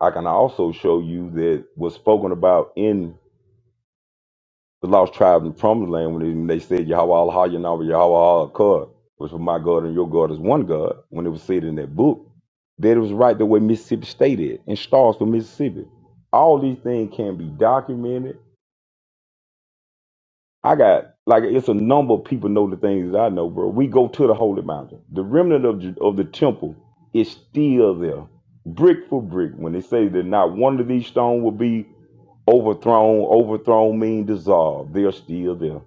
G: I can also show you that was spoken about in The lost tribe in the promised land when they, they said Yahweh Allah Yahweh Yahweh Akar, which was my God and your God is one God, when it was said in that book, that it was right the way Mississippi State is and stars from Mississippi. All these things can be documented. I got like it's a number of people know the things that I know, bro. We go to the holy mountain. The remnant of the, of the temple is still there, brick for brick. When they say that not one of these stones will be overthrown, overthrown mean dissolved. They're still there.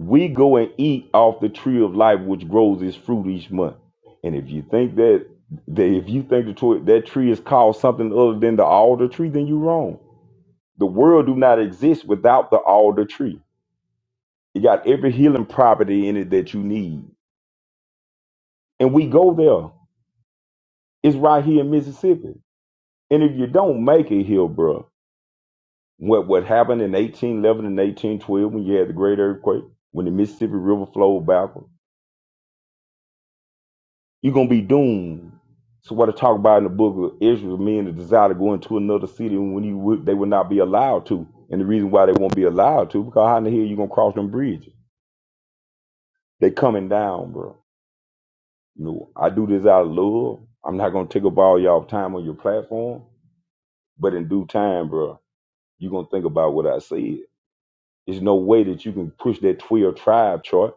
G: we go and eat off the tree of life which grows its fruit each month. And if you think that, that if you think the tw- that tree is called something other than the alder tree, then you're wrong. The world do not exist without the alder tree. It got every healing property in it that you need. And we go there. It's right here in Mississippi. And if you don't make it here, bro, what what happened in 1811 and 1812 when you had the great earthquake, when the Mississippi River flowed back? You're gonna be doomed. So what I talk about in the book of Israel, men that desire to go into another city when you would, they would not be allowed to. And the reason why they won't be allowed to, because how in the hell you gonna cross them bridges? They coming down, bro. You know, I do this out of love. I'm not gonna take up all y'all time on your platform, but in due time, bro, you gonna think about what I said. There's no way that you can push that 12 tribe chart.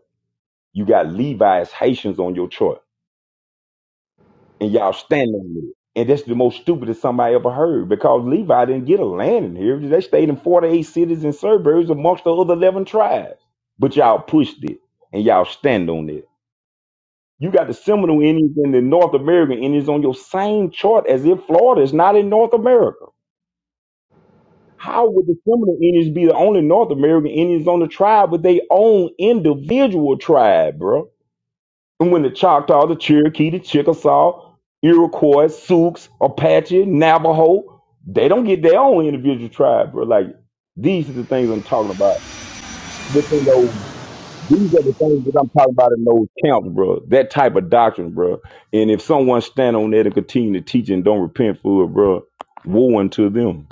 G: You got Levi's Haitians on your chart. and y'all stand on it. And that's the most stupidest somebody ever heard because Levi didn't get a land in here. They stayed in 48 cities and suburbs amongst the other 11 tribes. But y'all pushed it and y'all stand on it. You got the Seminole Indians and the North American Indians on your same chart as if Florida is not in North America. How would the Seminole Indians be the only North American Indians on the tribe, but they own individual tribe, bro? And when the Choctaw, the Cherokee, the Chickasaw, Iroquois, Sioux, Apache, Navajo, they don't get their own individual tribe, bro. Like these are the things I'm talking about. Within those, these are the things that I'm talking about in those camps, bro. That type of doctrine, bro. And if someone stand on that and continue to teach and don't repent for it, bro, woe unto them.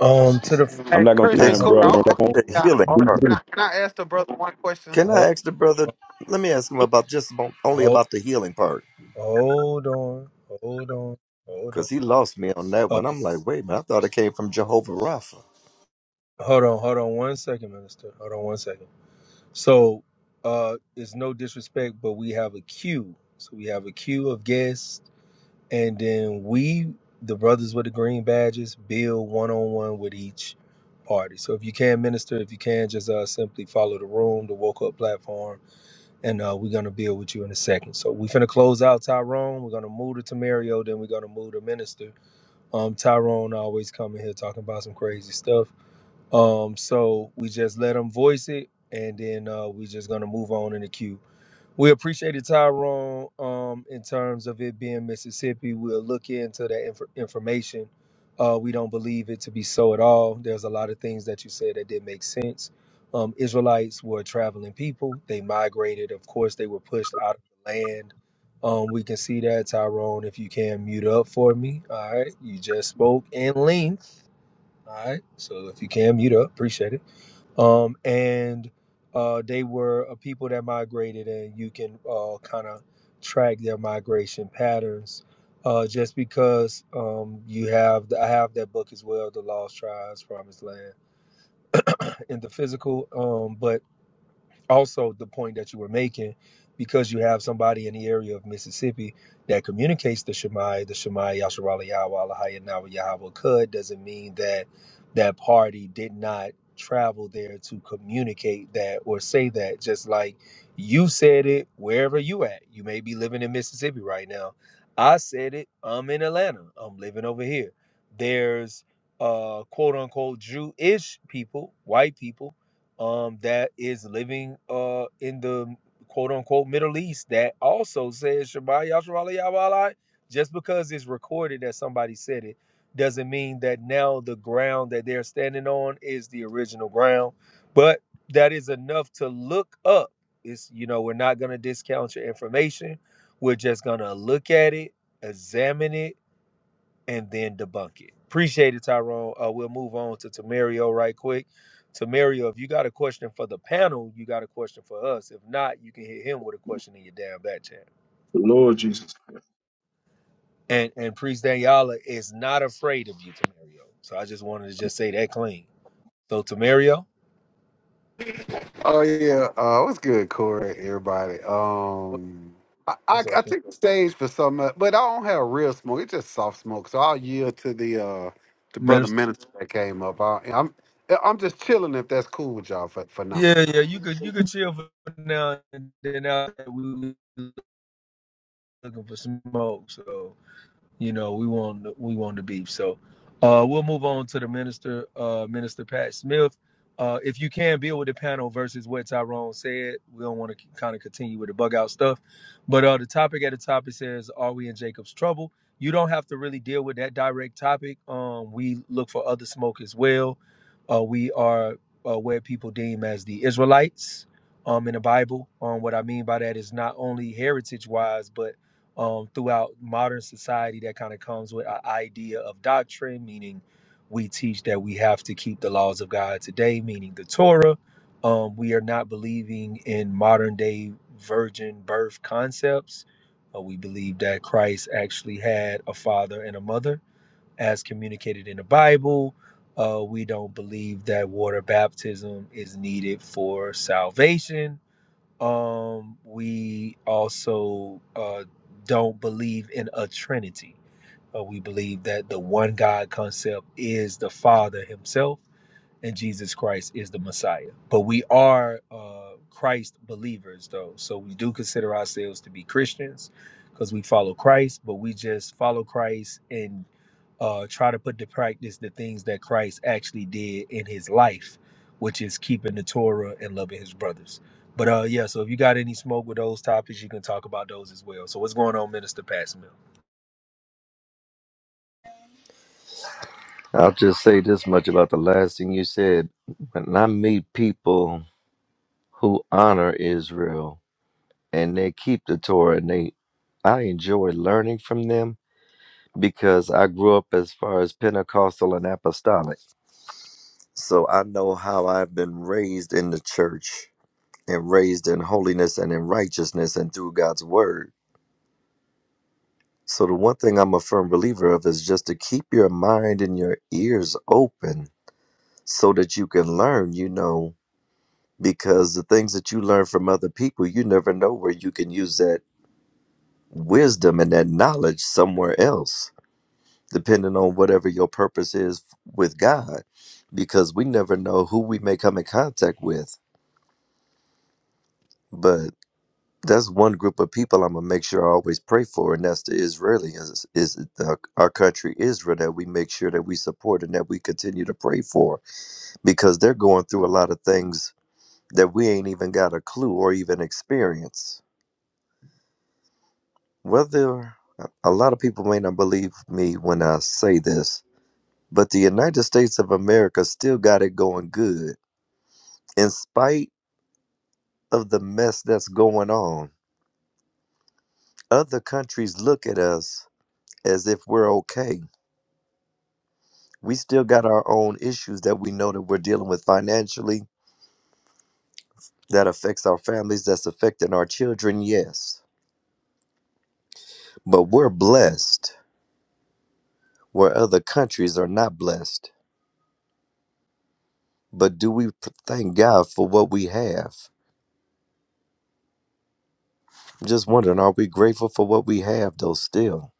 C: Um, to
I: Hey,
G: I'm not gonna take
I: Kristen
G: time,
C: the
I: Cooter,
J: Explain
I: I,
G: bro.
J: the
I: I,
J: healing
I: can,
J: part.
I: I, can I ask the brother one question?
J: Can I ask the brother? Let me ask him about just about, only
C: hold,
J: about the healing part
C: Hold on, hold on, hold on.
J: because he lost me on that
C: Uh,
J: one. I'm like, wait a minute, I thought it came from Jehovah Rapha.
C: hold on, hold on one second, Minister. Hold on one second. So, uh, it's no disrespect, but we have a queue. So we have a queue of guests, and then we, the brothers with the green badges, build one on one with each party. So if you can, Minister, if you can, just uh, simply follow the room, the woke up platform, and uh, we're gonna build with you in a second. So we're gonna close out Tyrone. We're gonna move to Tamario, then we're gonna move to Minister Um, Tyrone always coming here talking about some crazy stuff. Um, so we just let him voice it, and then uh, we just gonna move on in the queue. We appreciated Tyrone um, in terms of it being Mississippi. We'll look into that inf- information. Uh, we don't believe it to be so at all. There's a lot of things that you said that did not make sense. Um, Israelites were traveling people. They migrated. Of course, they were pushed out of the land. Um, we can see that, Tyrone. If you can mute up for me, all right. You just spoke in length, all right. So if you can mute up, appreciate it um, and uh, they were a people that migrated, and you can uh, kind of track their migration patterns. Uh, just because um, you have, the, I have that book as well, The Lost Tribes, Promised Land, in the physical. Um, but also the point that you were making because you have somebody in the area of Mississippi that communicates the Shemai, the Shemai Yasharala Yahweh Alahaya Nawa Yahweh could doesn't mean that that party did not travel there to communicate that or say that just like you said it wherever you at you may be living in Mississippi right now I said it I'm in Atlanta I'm living over here there's uh quote unquote Jewish people white people um, that is living uh, in the quote unquote Middle East that also says Shabbat Yasharala Yabalai. Just because it's recorded that somebody said it doesn't mean that now the ground that they're standing on is the original ground. But that is enough to look up. It's, you know, we're not going to discount your information. We're just going to look at it, examine it, and then debunk it. Appreciate it, Tyrone. Uh, we'll move on to Tamario right quick. Tamario, if you got a question for the panel, you got a question for us. If not, you can hit him with a question in your damn back chat.
K: Lord Jesus.
C: And and Priest Daniela is not afraid of you, Tamario. So I just wanted to just say that clean. So Tamario,
I: Oh yeah, uh, what's good, Corey? Everybody. Um, I, I
C: that's
I: I
C: okay.
I: took the stage for some, uh, but I don't have real smoke. It's just soft smoke. So I'll yield to the uh the brother
C: Minister.
I: minister that came up. I, I'm I'm just chilling if that's cool with y'all for for now.
C: Yeah, yeah, you could you could chill for now and then out there we looking for smoke. So You know, we want we want the beef. So uh, we'll move on to the minister, uh, Minister Pat Smith. Uh, if you can build with the panel versus what Tyrone said, we don't want to kind of continue with the bug out stuff. But uh, the topic at the top it says, "Are we in Jacob's trouble?" You don't have to really deal with that direct topic. Um, we look for other smoke as well. Uh, we are uh, where people deem as the Israelites um, in the Bible. Um, what I mean by that is not only heritage wise, but um, throughout modern society that kind of comes with an idea of doctrine, meaning we teach that we have to keep the laws of God today, meaning the Torah. Um, we are not believing in modern day virgin birth concepts. Uh, we believe that Christ actually had a father and a mother as communicated in the Bible. Uh, we don't believe that water baptism is needed for salvation um, we also uh, don't believe in a Trinity. Uh, we believe that the one God concept is the Father Himself and Jesus Christ is the Messiah. But we are uh, Christ believers, though. So we do consider ourselves to be Christians because we follow Christ, but we just follow Christ and uh, try to put to practice the things that Christ actually did in his life, which is keeping the Torah and loving his brothers. But uh, yeah, so if you got any smoke with those topics, you can talk about those as well. So what's going on, Minister Passmill?
J: I'll just say this much about the last thing you said. When I meet people who honor Israel and they keep the Torah, and they, I enjoy learning from them because I grew up as far as Pentecostal and Apostolic. So I know how I've been raised in the church and raised in holiness and in righteousness and through God's word. So, the one thing I'm a firm believer of is just to keep your mind and your ears open so that you can learn, you know, because the things that you learn from other people, you never know where you can use that wisdom and that knowledge somewhere else, depending on whatever your purpose is with God, because we never know who we may come in contact with. But that's one group of people I'm gonna make sure I always pray for, and that's the Israeli, is, is the, our country Israel that we make sure that we support and that we continue to pray for because they're going through a lot of things that we ain't even got a clue or even experience. Whether a lot of people may not believe me when I say this, but the United States of America still got it going good in spite of the mess that's going on. Other countries look at us as if we're okay we still got our own issues that we know that we're dealing with financially that affects our families that's affecting our children yes but we're blessed where other countries are not blessed but do we p- thank god for what we have i'm just wondering are we grateful for what we have though still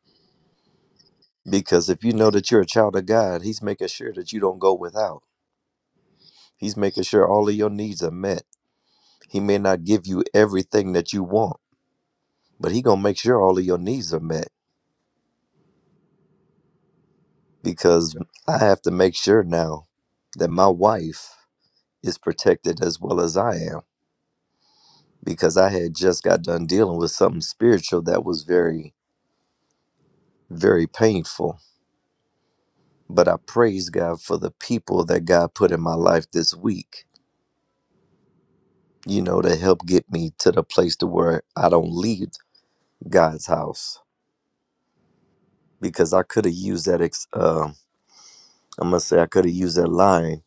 J: because if you know that you're a child of god he's making sure that you don't go without he's making sure all of your needs are met he may not give you everything that you want but he gonna make sure all of your needs are met because I have to make sure now that my wife is protected as well as I am because I had just got done dealing with something spiritual that was very, very painful. But I praise God for the people that God put in my life this week, you know, to help get me to the place to where I don't leave God's house because I could have used that ex- uh, I'm gonna say I could have used that line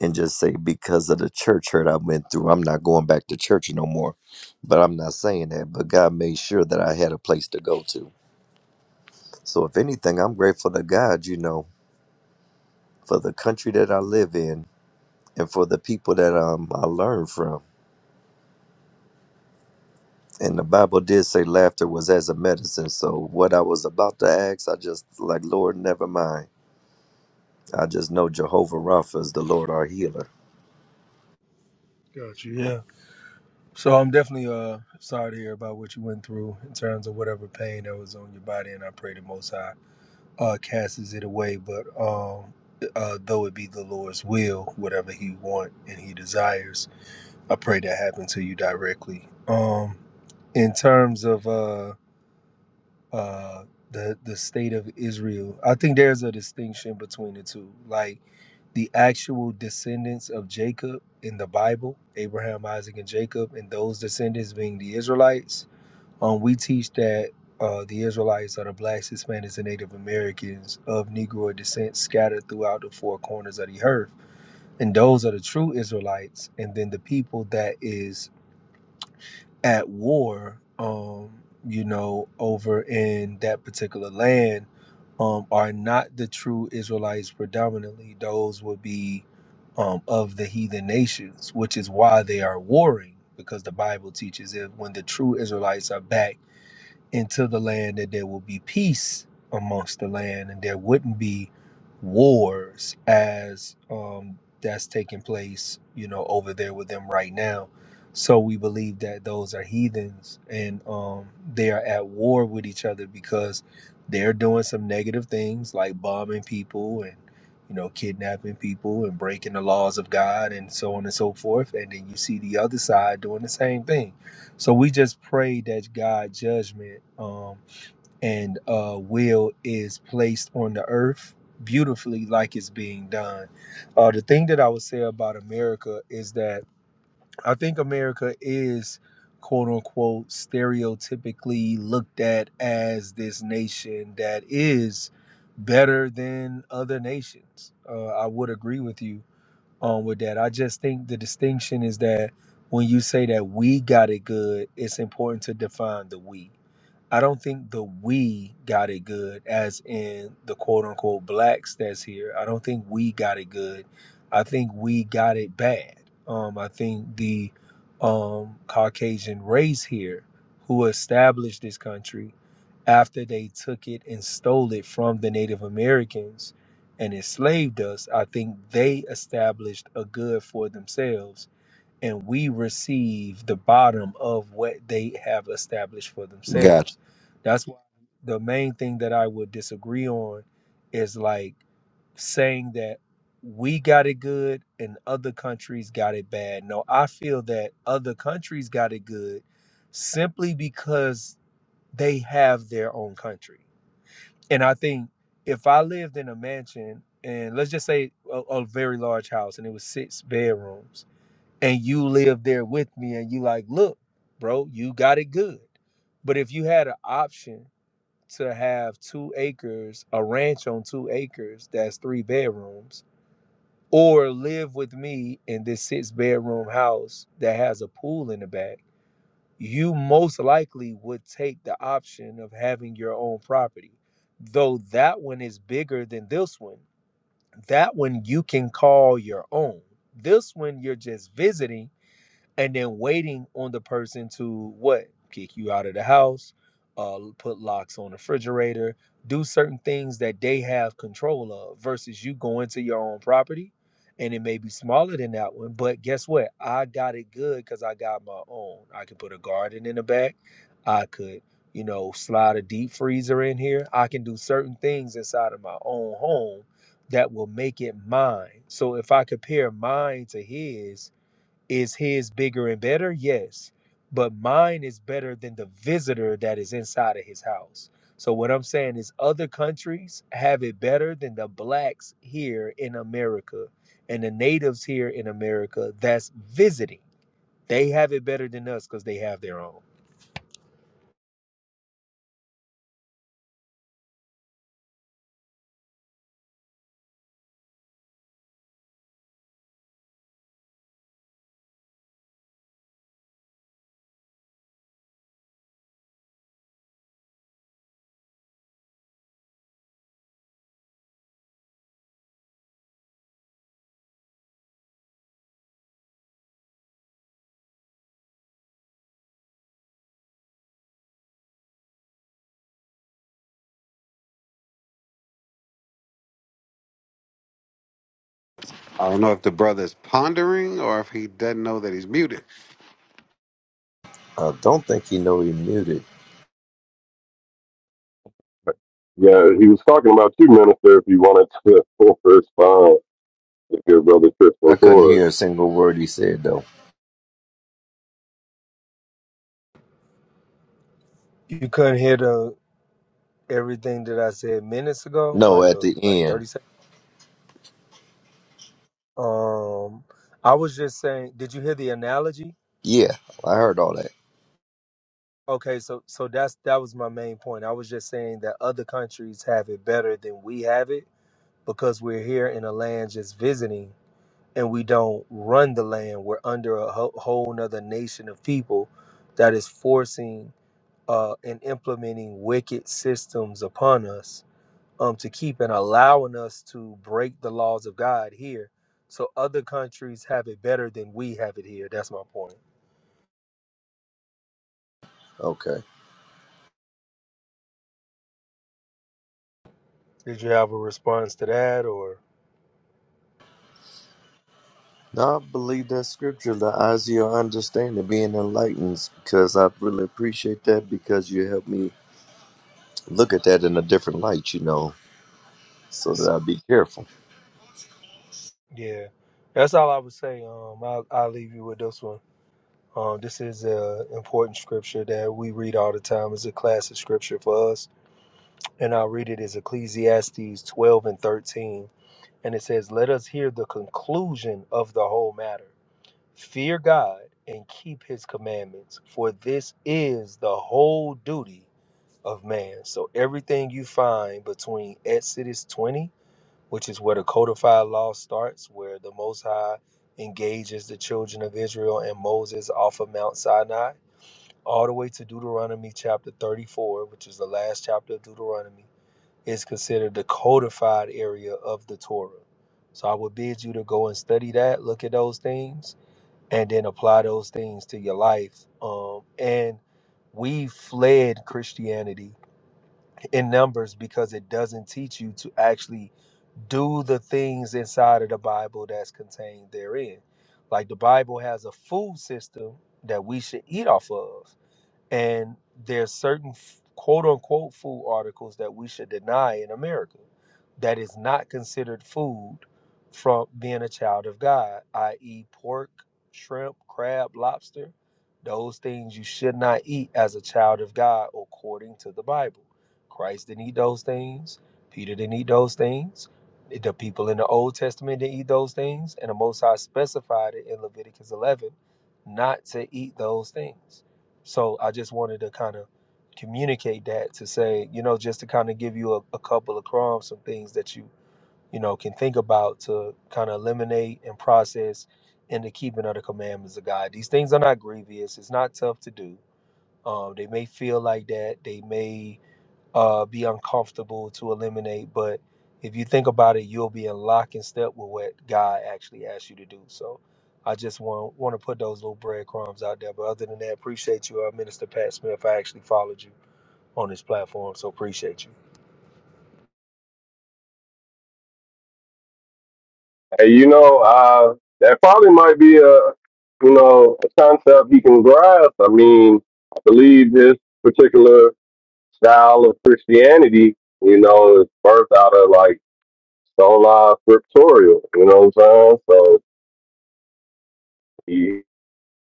J: and just say because of the church hurt I went through, I'm not going back to church no more. But I'm not saying that. But God made sure that I had a place to go to. So if anything, I'm grateful to God, you know, for the country that I live in and for the people that um I learned from. And the Bible did say laughter was as a medicine. So what I was about to ask, I just like Lord, never mind. I just know Jehovah Rapha is the Lord our healer.
C: Got you. Yeah. So I'm definitely uh sorry to hear about what you went through in terms of whatever pain that was on your body, and I pray the Most High uh, casts it away. But um, uh, though it be the Lord's will, whatever He want and He desires, I pray that happen to you directly. Um, in terms of uh, uh, the the state of Israel. I think there's a distinction between the two, like the actual descendants of Jacob in the Bible, Abraham, Isaac, and Jacob, and those descendants being the Israelites. Um, we teach that uh, the Israelites are the blacks, Hispanics, and Native Americans of Negro descent scattered throughout the four corners of the earth, and those are the true Israelites. And then the people that is at war, um, you know, over in that particular land, um, are not the true Israelites predominantly. Those would be um, of the heathen nations, which is why they are warring, because the Bible teaches that when the true Israelites are back into the land that there will be peace amongst the land and there wouldn't be wars as um, that's taking place you know over there with them right now so we believe that those are heathens and um, they are at war with each other because they're doing some negative things like bombing people and you know kidnapping people and breaking the laws of god and so on and so forth and then you see the other side doing the same thing so we just pray that God's judgment um, and uh, will is placed on the earth beautifully, like it's being done. Uh, the thing that I would say about America is that I think America is quote unquote stereotypically looked at as this nation that is better than other nations. Uh, I would agree with you um, with that. I just think the distinction is that when you say that we got it good, it's important to define the we. I don't think the we got it good, as in the quote unquote blacks that's here. I don't think we got it good. I think we got it bad. Um, I think the um, Caucasian race here who established this country after they took it and stole it from the Native Americans and enslaved us, I think they established a good for themselves and we receive the bottom of what they have established for
J: God,
C: themselves. That's why the main thing that I would disagree on is like saying that we got it good and other countries got it bad. No, I feel that other countries got it good simply because they have their own country. And I think if I lived in a mansion and let's just say a, a very large house and it was six bedrooms and you live there with me and you like look bro you got it good but if you had an option to have two acres a ranch on two acres that's three bedrooms or live with me in this six bedroom house that has a pool in the back you most likely would take the option of having your own property though that one is bigger than this one that one you can call your own this one you're just visiting and then waiting on the person to what kick you out of the house uh put locks on the refrigerator do certain things that they have control of versus you going to your own property and it may be smaller than that one but guess what i got it good because i got my own i could put a garden in the back i could you know slide a deep freezer in here i can do certain things inside of my own home that will make it mine so if i compare mine to his is his bigger and better? Yes. But mine is better than the visitor that is inside of his house. So what I'm saying is other countries have it better than the blacks here in America and the natives here in America that's visiting. They have it better than us because they have their own.
I: I don't know if the brother's pondering or if he doesn't know that he's muted.
J: I don't think he know he muted.
D: yeah, he was talking about you, minister, if you wanted to respond to your brother Tristan
J: I couldn't
D: Corey.
J: hear a single word he said though.
C: You couldn't hear the everything that I said minutes ago,
J: No,
C: like
J: at
C: a
J: the
C: like
J: end.
C: 30 seconds. Um I was just saying, did you hear the analogy?
J: Yeah, I heard all that.
C: Okay, so so that's that was my main point. I was just saying that other countries have it better than we have it because we're here in a land just visiting and we don't run the land. We're under a ho- whole nother nation of people that is forcing uh, and implementing wicked systems upon us um, to keep and allowing us to break the laws of God here. So other countries have it better than we have it here. That's my point.
J: Okay.
C: Did you have a response to that or?
J: Now I believe that scripture, the eyes of your understanding being enlightened, because I really appreciate that because you helped me look at that in a different light, you know, so that I be careful.
C: Yeah, that's all I would say. Um, I'll, I'll leave you with this one. Um, this is an important scripture that we read all the time. It's a classic scripture for us, and I'll read it as Ecclesiastes 12 and 13, and it says, "Let us hear the conclusion of the whole matter. Fear God and keep His commandments, for this is the whole duty of man." So everything you find between Exodus 20 which is where the codified law starts, where the Most High engages the children of Israel and Moses off of Mount Sinai, all the way to Deuteronomy chapter 34, which is the last chapter of Deuteronomy, is considered the codified area of the Torah. So I would bid you to go and study that, look at those things, and then apply those things to your life. Um, and we fled Christianity in numbers because it doesn't teach you to actually do the things inside of the Bible that's contained therein. Like the Bible has a food system that we should eat off of. And there's certain f- quote unquote food articles that we should deny in America that is not considered food from being a child of God, i.e., pork, shrimp, crab, lobster. Those things you should not eat as a child of God according to the Bible. Christ didn't eat those things. Peter didn't eat those things. The people in the Old Testament didn't eat those things. And the Most High specified it in Leviticus 11 not to eat those things. So I just wanted to kind of communicate that to say, you know, just to kind of give you a, a couple of crumbs, some things that you, you know, can think about to kind of eliminate and process in the keeping of the commandments of God. These things are not grievous. It's not tough to do. Um, they may feel like that. They may uh, be uncomfortable to eliminate. But if you think about it, you'll be in lock and step with what God actually asks you to do. So I just want want to put those little breadcrumbs out there. But other than that, appreciate you, uh, Minister Pat Smith. I actually followed you on this platform, so appreciate you.
D: Hey, you know, uh, that probably might be a, you know, a concept he can grasp. I mean, I believe this particular style of Christianity, you know, is birthed out of like sola scriptorial, you know what I'm saying? So he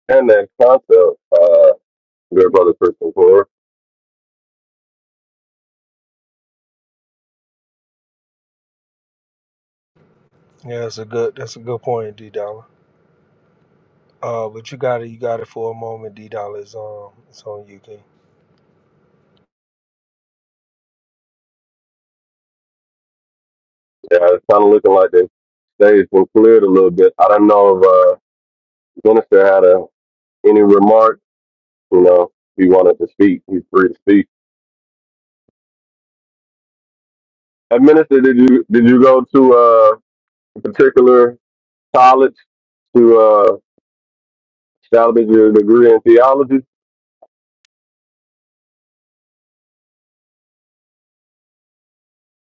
D: and that concept, uh, dear brother Christian Core.
C: Yeah, that's a good that's a good point, D Dollar. Uh, but you got it, you got it for a moment, D Dollar. It's um, it's on you, King.
D: Yeah, it's kinda looking like the stage been cleared a little bit. I don't know if uh minister had a any remarks, you know, if he wanted to speak, he's free to speak. And minister, did you did you go to uh a particular college to uh salvage your degree in theology?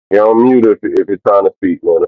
D: You're on mute if, if you're trying to speak, man.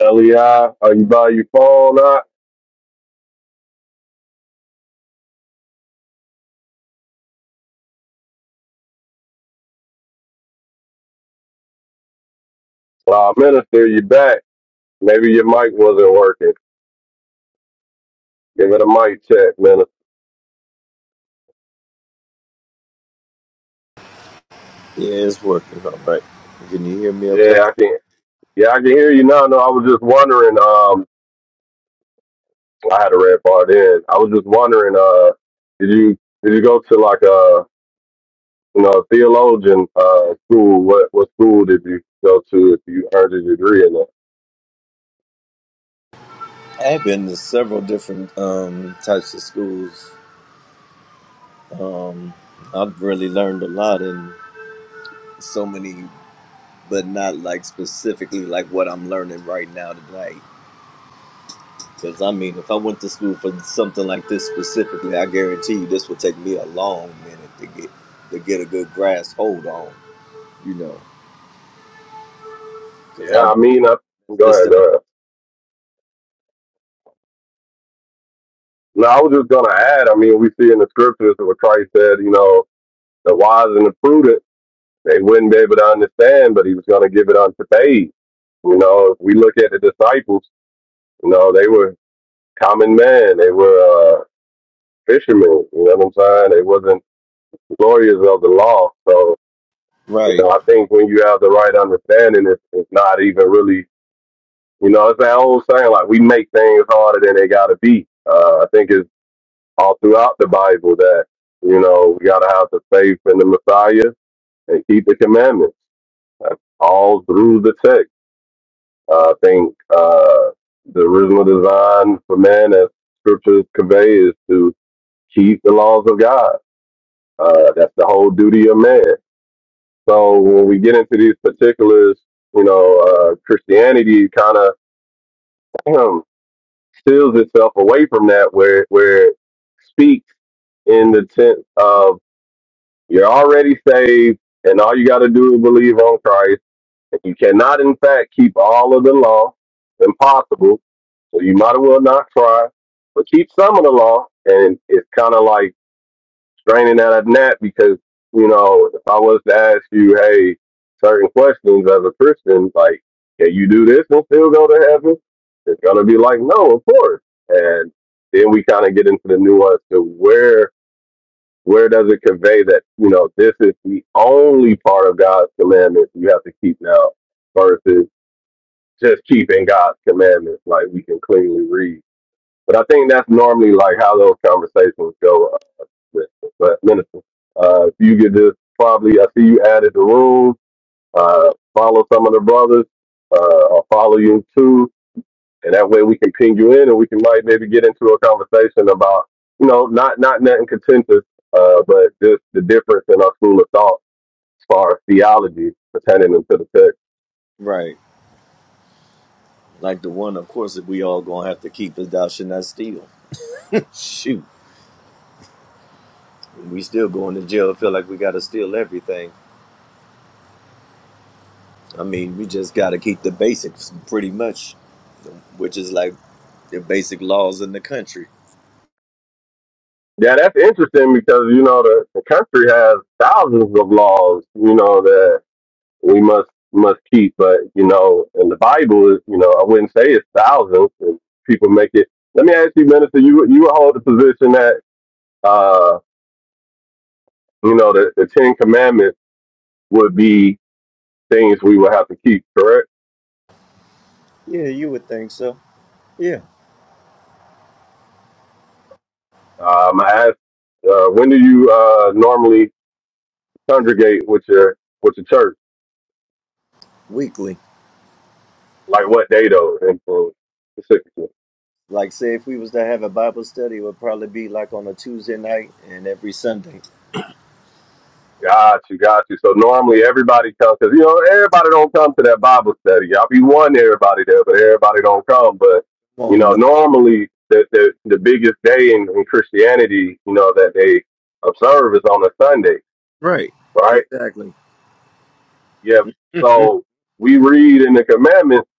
D: LEI, are you by your phone? Not? Well, minister, you back. Maybe your mic wasn't working. Give it a mic check, minister.
J: Yeah, it's working all right. Can you hear me okay?
D: Yeah, I can. Yeah, I can hear you now. No, I was just wondering. Um, I had a red bar then. I was just wondering. Uh, did you did you go to like a you know theologian uh school? What what school did you go to if you earned a degree in that?
J: I've been to several different um, types of schools. Um, I've really learned a lot in so many but not like specifically like what I'm learning right now today. Because I mean, if I went to school for something like this specifically, I guarantee you this would take me a long minute to get to get a good grasp hold on. You know, because
D: Yeah,
J: I
D: I mean, I, go
J: this
D: ahead,
J: stuff.
D: go ahead. No, I was just gonna add. I mean, we see in the scriptures what Christ said. You know, the wise and the prudent. They wouldn't be able to understand, but he was going to give it unto they. You know, if we look at the disciples, you know, they were common men. They were uh, fishermen. You know what I'm saying? They wasn't lawyers of the law. So, you
J: Right,
D: know, I think when you have the right understanding, it's, it's not even really, you know, it's that old saying, like, we make things harder than they got to be. Uh, I think it's all throughout the Bible that, you know, we got to have the faith in the Messiah and keep the commandments. That's all through the text. Uh, I think uh, the original design for man, as scriptures convey, is to keep the laws of God. Uh, that's the whole duty of man. So when we get into these particulars, you know, uh, Christianity kind of steals itself away from that, where where it speaks in the sense of you're already saved, and all you got to do is believe on Christ. You cannot, in fact, keep all of the law. Impossible So you might as well not try, but keep some of the law. And it's kind of like straining at a gnat because, you know, if I was to ask you, hey, certain questions as a Christian, like, can you do this and still go to heaven? It's going to be like, no, of course. And then we kind of get into the nuance to where where does it convey that, you know, this is the only part of God's commandments you have to keep now versus just keeping God's commandments like we can cleanly read. But I think that's normally like how those conversations go uh, with but minister. Uh, you get this, probably I see you added the room. Uh, follow some of the brothers. Uh, I'll follow you too, and that way we can ping you in, and we can like maybe get into a conversation about you know not not nothing contentious, uh, but just the difference in our school of thought as far as theology pertaining into the text.
J: right. Like the one, of course, that we all gonna have to keep is thou should not steal. Shoot, we still going to jail. Feel like we gotta steal everything. I mean, we just gotta keep the basics pretty much, which is like the basic laws in the country.
D: Yeah, that's interesting because you know the, the country has thousands of laws, you know that. we must must keep. But you know, in the Bible is you know I wouldn't say it's thousands. And people make it. Let me ask you, minister. You you hold the position that uh you know the, the Ten Commandments would be things we would have to keep, correct?
J: Yeah, you would think so. Yeah,
D: Um, I asked, uh, when do you uh normally congregate with your with your church?
J: weekly.
D: Like what day though? And,
J: Like, say, if we was to have a Bible study, it would probably be like on a Tuesday night and every Sunday.
D: Got you, got you. So normally everybody comes because you know everybody don't come to that Bible study. I'll be one everybody there, but everybody don't come. But
J: Come
D: you
J: on,
D: know,
J: no.
D: normally the the, the biggest day in, in Christianity, you know, that they observe is on a Sunday,
J: Right.
D: right?
J: Exactly.
D: Yeah. So we
J: Mhm.
D: read in the commandments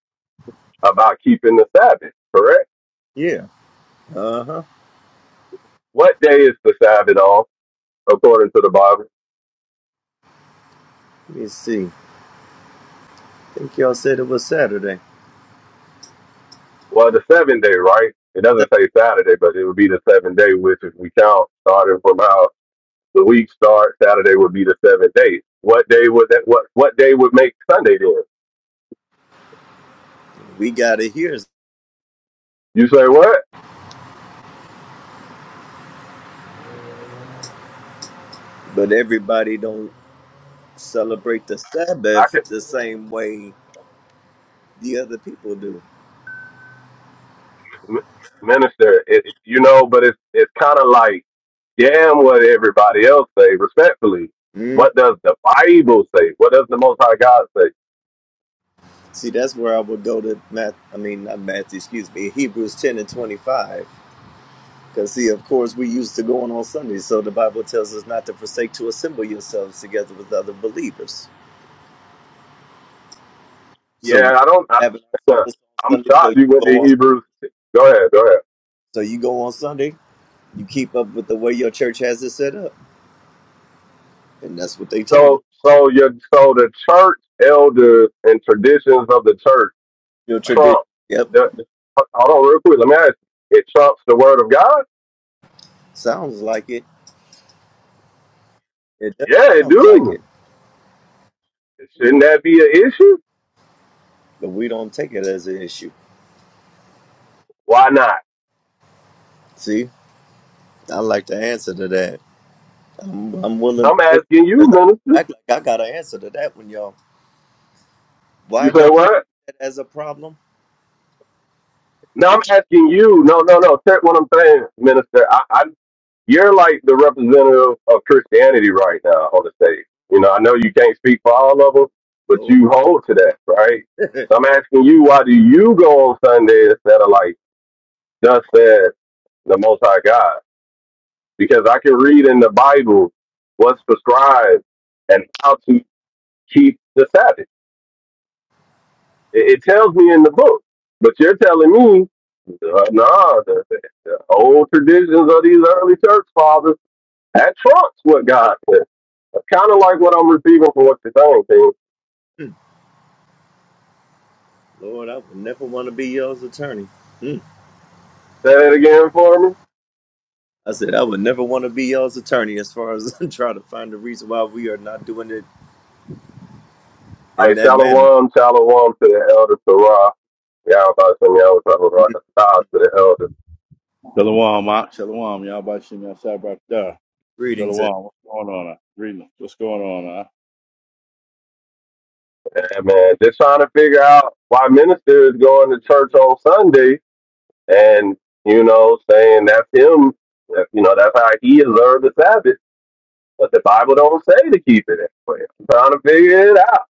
D: about keeping the Sabbath, correct?
J: Yeah. Uh huh.
D: What day is the Sabbath on according to the Bible?
J: Let me see. I think y'all said it was Saturday.
D: Well, the seventh day, right? It
J: So
D: doesn't say Saturday, but it would be the seventh day, which if we count starting from how The week starts Saturday would be the seventh day. What day would that? What what day would make Sunday then?
J: We got it here,
D: You say what?
J: but everybody don't celebrate the
D: I
J: Sabbath
D: can
J: the same way the other people do.
D: minister. It, it- you know, but it's it's kind of like damn what everybody else say. Respectfully,
J: Mm.
D: what does the Bible say? What does the Most High God say?
J: See, that's where I would go to Matt. I mean, not Matthew. Excuse me. Hebrews ten and twenty-five. Because, see, of course, we used to go on on Sundays, so the Bible tells us not to forsake to assemble yourselves together with other believers. So we
D: Yeah, I don't. I,
J: have our service
D: I'm
J: on Sunday, so
D: shocked
J: you
D: you went to
J: go on,
D: Hebrews. Go ahead. Go ahead.
J: so you go on Sunday, you keep up with the way your church has it set up, and that's what they told us.
D: So so your so the church elders and traditions of the church
J: Your
D: Trump.
J: tradition, yep,
D: The, the- hold on, real quick. Let me ask. You. It trumps the word of God.
J: sounds like it. It does
D: Yeah, it
J: sounds like
D: do.
J: it,
D: Shouldn't that be an issue?
J: but we don't take it as an issue.
D: Why not?
J: See, I like the answer to that. I'm, I'm willing to
D: I'm
J: listen
D: asking you,
J: because I
D: minister.
J: act like I got an answer to that one, y'all.
D: You
J: Why
D: say
J: don't we
D: what?
J: have that as a problem?
D: No, I'm
J: Because
D: asking you. No, no, no. Check what I'm saying, minister. I, I, you're like the representative of Christianity right now on the stage. You know, I know you can't speak for all of them, but
J: Lord.
D: you hold to that, right? So I'm asking you, why do you go on Sunday instead of like just said the Most High God? because I can read in the Bible what's prescribed and how to keep the Sabbath. It, it tells me in the book, but you're telling me, uh, nah, the, the, the old traditions of these early church fathers that trumps what God said. Kind of like what I'm receiving from what you're saying. King.
J: Lord, I would never want to be y'all's attorney. Hmm.
D: Say that again for me.
J: I said, I would never want to be y'all's attorney as far as trying to find the reason why we are not doing it in
D: Hey,
J: that manner.
D: shalom, shalom to the elder Sarah. Yeah, I'm about to say, yeah, I was talking about
J: Mhm.
D: a style to the elder.
L: Shalom, Mark. Shalom, y'all. By Shem Yashai right there.
J: Greetings. uh,
L: Shalom. What's going on? uh? Reading. What's going on? uh?
D: And man, just trying to figure out why minister is going to church on Sunday and you know, saying that's him. that- You know, that's how he observed the Sabbath. But the Bible don't say to keep it that way. I'm trying to figure it out.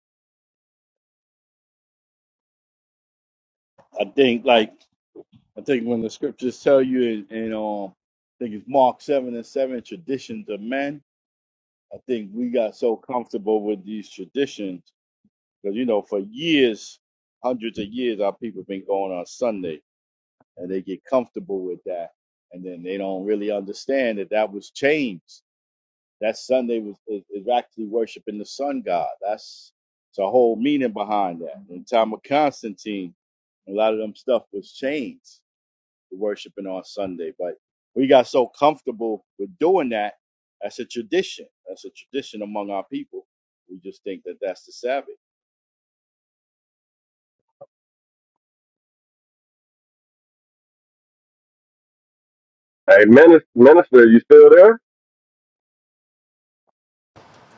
L: I think, like, I think when the scriptures tell you, in, in um, I think it's Mark seven and seven, traditions of men. I think we got so comfortable with these traditions because you know, for years, hundreds of years, our people been going on Sunday, and they get comfortable with that, and then they don't really understand that that was changed That Sunday was is, is actually worshiping the sun god. That's it's a whole meaning behind that. In the time of Constantine, a lot of them stuff was changed to worshiping on Sunday. But we got so comfortable with doing that. That's a tradition. That's a tradition among our people. We just think that that's the Sabbath.
D: Hey, minister, minister, you still there?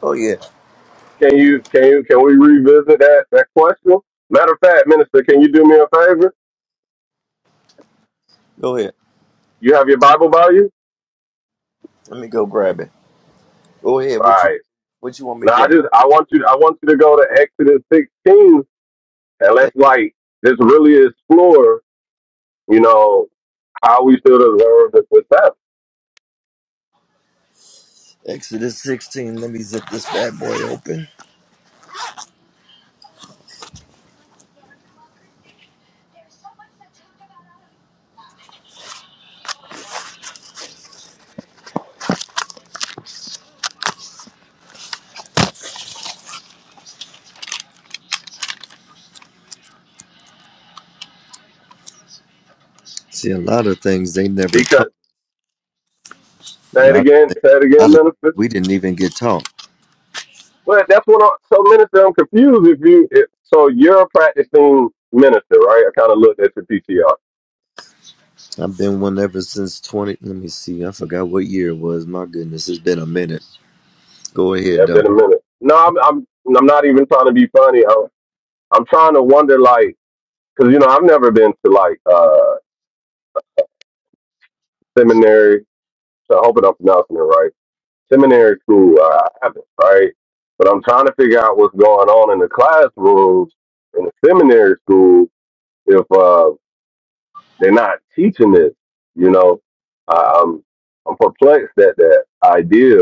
J: Oh, yeah.
D: Can you can you can we revisit that that question? Matter of fact, minister, can you do me a favor?
J: Go ahead.
D: You have your Bible by you?
J: Let me go grab it. Go ahead.
D: All
J: What you
D: right.
J: what you want me
D: Now
J: to
D: I
J: grab?
D: just I want you I want you to go to Exodus 16 and
J: Eh,
D: let's like just really explore, you know, how we should observe the the Sabbath.
J: Exodus 16. Let me zip this bad boy open. See, a lot of things they never taught.
D: Because
J: A
D: say it
J: lot of
D: again,
J: things,
D: say it
J: a
D: again,
J: lot of things
D: minister.
J: we didn't even get taught.
D: But that's what. I'm, so, minister, I'm confused. If you, if, so you're a practicing minister, right? I kind of looked at your PTR.
J: I've been one ever since 20. Let me see. I forgot what year it was. My goodness, it's been a minute. Go
D: Yeah,
J: ahead,
D: it's
J: though.
D: been a minute. No, I'm, I'm, I'm not even trying to be funny. I'm, I'm trying to wonder, like, because you know, I've never been to like uh seminary. So I hope I'm pronouncing it right. Seminary school, uh, I haven't, right? But I'm trying to figure out what's going on in the classrooms in the seminary school. If uh, They're not teaching this, you know. Um, I'm perplexed at that idea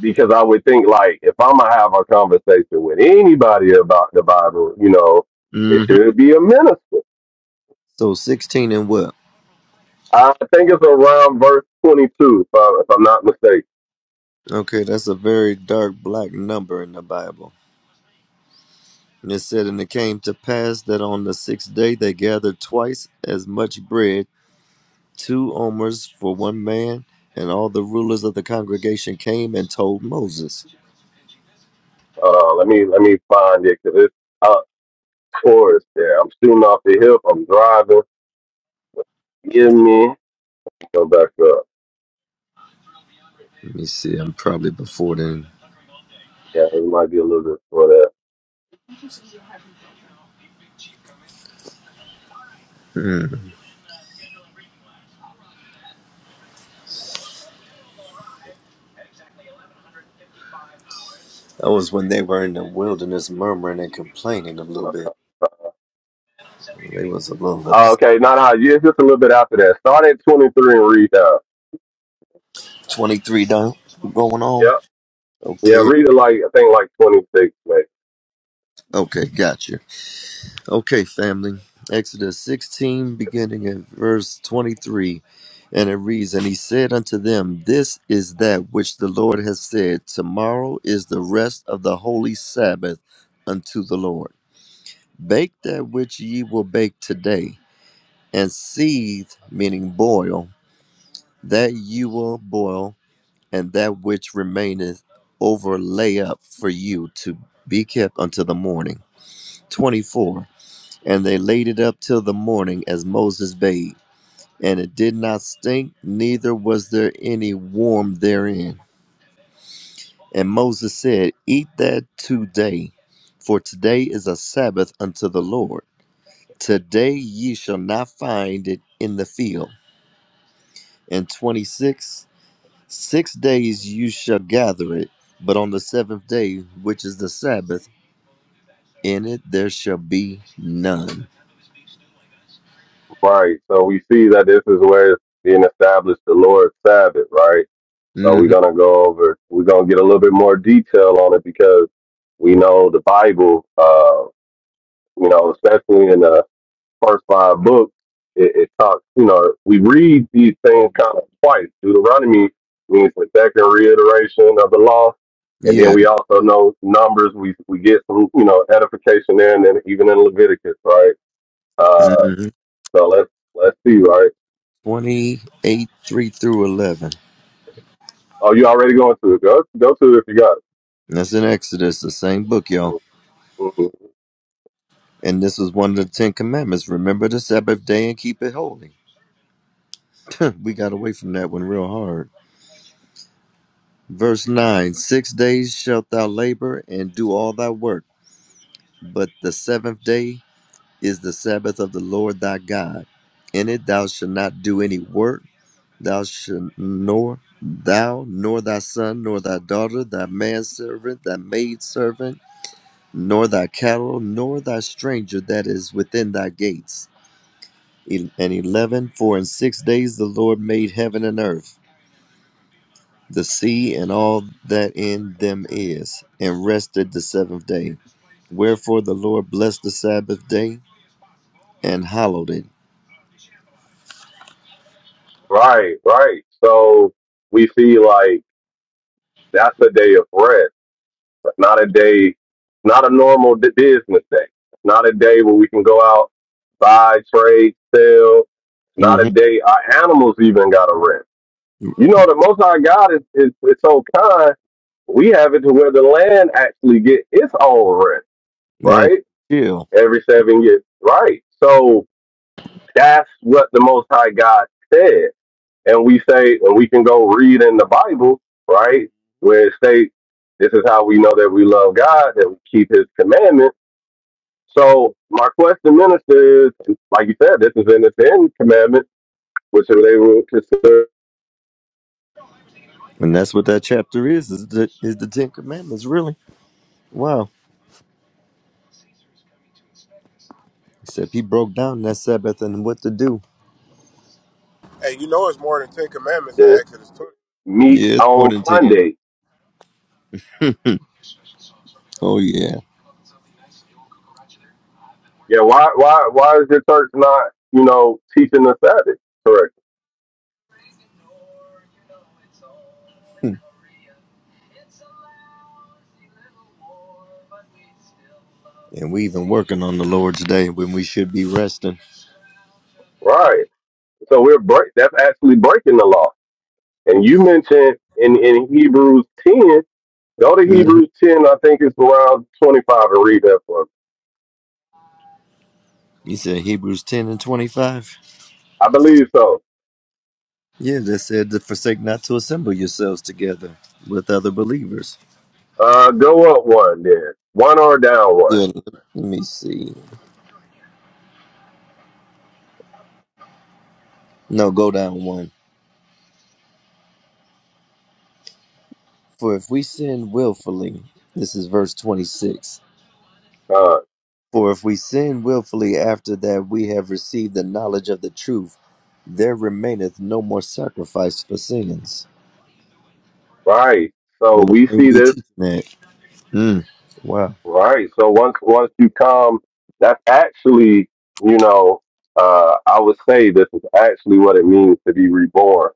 D: because I would think like if I'm gonna have a conversation with anybody about the Bible, you know, it
J: hmm
D: should be a minister.
J: So 16 and what?
D: I think it's around verse 22, if, I, if I'm not mistaken.
J: Okay, that's a very dark black number in the Bible. And it said, And it came to pass that on the sixth day they gathered twice as much bread, two omers for one man, and all the rulers of the congregation came and told Moses.
D: Uh, let me let me find it because it's up towards there. I'm shooting off the hip. I'm driving. Give me go back up.
J: Let me see, I'm probably before then.
D: Yeah, it might be a little bit for that.
J: Hmm. That was when they were in the wilderness murmuring and complaining a little bit. They was a little
D: Oh,
J: upset.
D: okay, not no, yeah, it's just a little bit after that. Start at 23 and read down.
J: 23 down, going on.
D: Yep. Yeah,
J: Okay,
D: read it like, I think like 26, maybe.
J: okay, gotcha. Okay, family. Exodus 16, beginning at verse 23. And it reads, And he said unto them, This is that which the Lord has said, Tomorrow is the rest of the holy Sabbath unto the Lord. Bake that which ye will bake today, and seethe, meaning boil, that ye will boil, and that which remaineth over lay up for you to be kept unto the morning. 24. And they laid it up till the morning, as Moses bade. And it did not stink, neither was there any worm therein. And Moses said, Eat that today, for today is a Sabbath unto the Lord. Today ye shall not find it in the field. And 26, six days you shall gather it, but on the seventh day, which is the Sabbath, in it there shall be none.
D: Right. So we see that this is where it's being established the Lord's Sabbath, right? So we're
J: hmm
D: going to go over, we're going to get a little bit more detail on it because we know the Bible, uh, you know, especially in the first five books, it, it talks, you know, we read these things kind of twice. Deuteronomy means the second reiteration of the law. And then
J: Yeah.
D: we also know numbers. We we get some, you know, edification there and then even in Leviticus, right? Uh
J: Mm-hmm.
D: so let's let's see, right?
J: 28 3 through 11.
D: Oh, you already going to it. Go go to it if you got
J: That's in Exodus, the same book, y'all.
D: it. Mhm.
J: And this was one of the Ten Commandments. Remember the Sabbath day and keep it holy. we got away from that one real hard. Verse 9 Six days shalt thou labor and do all thy work, but the seventh day is the Sabbath of the Lord thy God. In it thou shalt not do any work, thou shalt nor thou, nor thy son, nor thy daughter, thy manservant, thy maidservant nor thy cattle, nor thy stranger that is within thy gates. E- And 11, for in six days the Lord made heaven and earth, the sea and all that in them is, and rested the seventh day. Wherefore the Lord blessed the Sabbath day and hallowed it.
D: Right, right. So we see like that's a day of rest, but not a day not a normal d- business day. Not a day where we can go out buy, trade, sell. Not a
J: hmm
D: day. Our animals even got a rent. You know, the Most High God is, is, is so kind. We have it to where the land actually get its own rent,
J: Yeah,
D: right?
J: chill.
D: Every seven years, right? So that's what the Most High God said. And we say, and we can go read in the Bible, right? Where it states, this is how we know that we love God, that we keep his commandments. So my question, minister, is, like you said, this is in the Ten Commandments which they labor consideration
J: And that's what that chapter is, is the, is the Ten Commandments, really. Wow. Except he broke down that Sabbath and what to do.
M: Hey, you know it's more than Ten Commandments in Exodus 20.
D: meets
J: Yeah, it's more
D: on
J: than 10.
D: Sunday.
J: Oh, yeah.
D: Yeah, why why why is your church not, you know, teaching the Sabbath? Correct.
J: And we even working on the Lord's day when we should be resting.
D: Right. So we're break that's actually breaking the law. And you mentioned in, in Hebrews ten, go to
J: hmm
D: Hebrews ten, I think it's around twenty five and read that for me.
J: You said Hebrews 10 and 25?
D: I believe so.
J: Yeah, that said to forsake not to assemble yourselves together with other believers.
D: Uh go up one then. One or down one.
J: Yeah, let me see. No, go down one. For if we sin willfully, this is verse 26.
D: Uh
J: For if we sin willfully after that we have received the knowledge of the truth, there remaineth no more sacrifice for sins.
D: right. So
J: But why
D: we
J: ain't
D: see
J: we
D: this
J: teaching that? Mm. Wow.
D: Right. So once once you come, that's actually, you know, uh, I would say this is actually what it means to be reborn,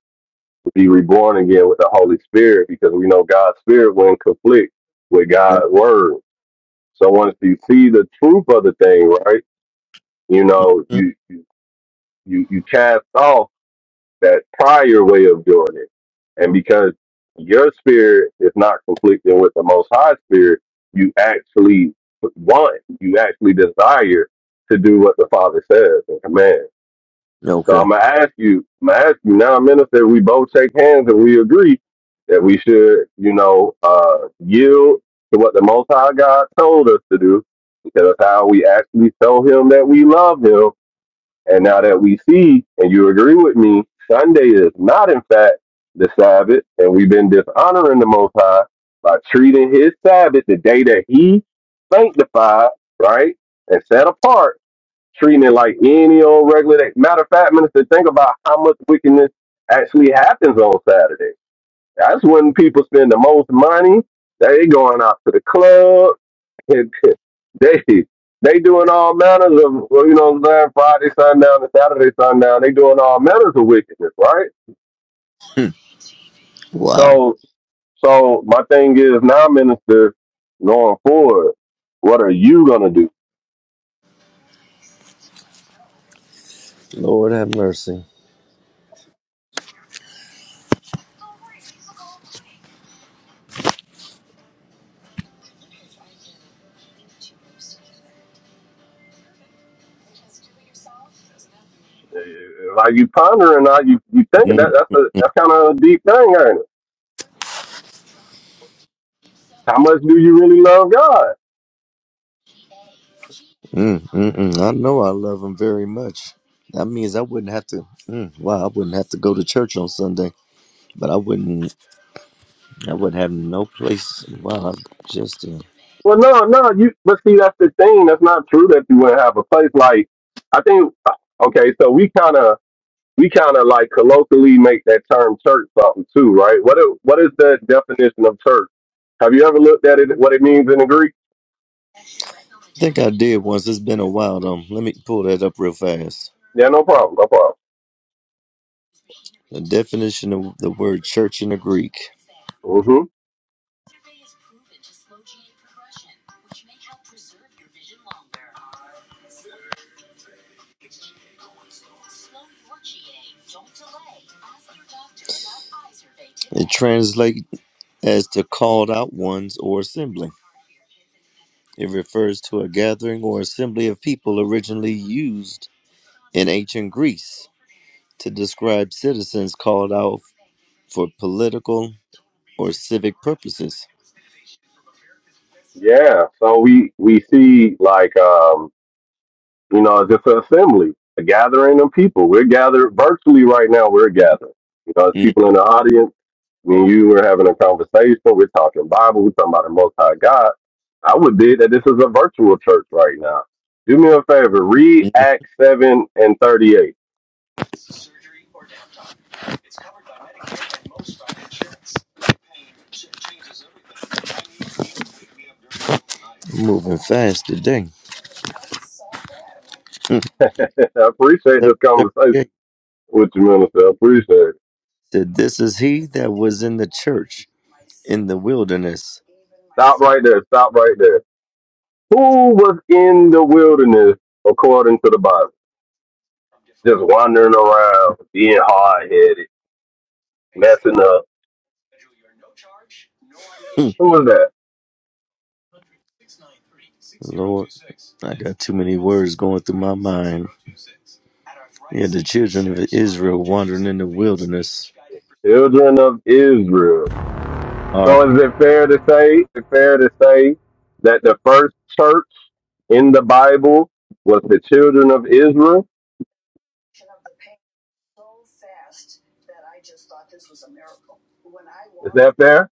D: to be reborn again with the Holy Spirit, because we know God's Spirit will in conflict with
J: Right.
D: God's Word. So once you see the truth of the thing, right, you
J: Hmm.
D: know, you you you you cast off that prior way of doing it. And because your spirit is not conflicting with the Most High Spirit, you actually want, you actually desire to do what the Father says and commands. So
J: Okay.
D: I'm gonna ask you, I'm gonna ask you now, minister. We both shake hands and we agree that we should, you know, uh, yield to what the Most High God told us to do, because that's how we actually show Him that we love Him and now that we see, and you agree with me, Sunday is not, in fact, the Sabbath, and we've been dishonoring the Most High by treating His Sabbath, the day that He sanctified, right, and set apart, treating it like any old regular day. Matter of fact, minister, think about how much wickedness actually happens on Saturday. That's when people spend the most money. They going out to the club they they doing all manners of well, you know what I'm saying, Friday sundown and Saturday sundown. They doing all manners of wickedness, right?
J: Wow.
D: So so my thing is now, minister, going forward, what are you gonna do?
J: Lord have mercy.
D: Are you pondering? Are you you thinking that
J: Mm,
D: that's a that's kind of a deep thing, ain't it? How much do you really love God?
J: mm, mm, mm. I know I love him very much. That means I wouldn't have to. Mm, wow, I wouldn't have to go to church on Sunday, but I wouldn't. I would have no place. Wow, I just. Uh, I
D: Well, no, no, you. But see, that's the thing. That's not true. That you wouldn't have a place like. I think. Okay, so we kind of we kind of like colloquially make that term church something too, right? What is, what is the definition of church? Have you ever looked at it? What it means in the Greek?
J: think I did once. It's been a while though. Let me pull that up real fast.
D: Yeah, no problem, no problem.
J: The definition of the word church in the Greek.
D: hmm
J: It translates as the called out ones or assembly. It refers to a gathering or assembly of people originally used in ancient Greece to describe citizens called out for political or civic purposes.
D: Yeah. So we we see like um You know, just an assembly, a gathering of people. We're gathered virtually right now. We're gathered. You know, as
J: Mm,
D: people in the audience, me and you were having a conversation. We're talking Bible. We're talking about the Most High God. I would bid that this is a virtual church right now. Do me a favor. Read
J: mm,
D: Acts 7 and 38.
J: Moving fast today. Mm.
D: I appreciate this conversation
J: 738
D: with you, minister. I appreciate it.
J: said, This is he that was in the church in the wilderness.
D: Stop right there. Stop right there. Who was in the wilderness according to the Bible? Just wandering around, being hard headed messing up.
J: Hmm.
D: Who was that?
J: Lord, I got too many words going through my mind. Yeah, the children of Israel wandering in the wilderness.
D: Children of Israel.
J: All
D: So
J: right.
D: is it fair to say, is it fair to say that the first church in the Bible was the children of Israel? Is that fair?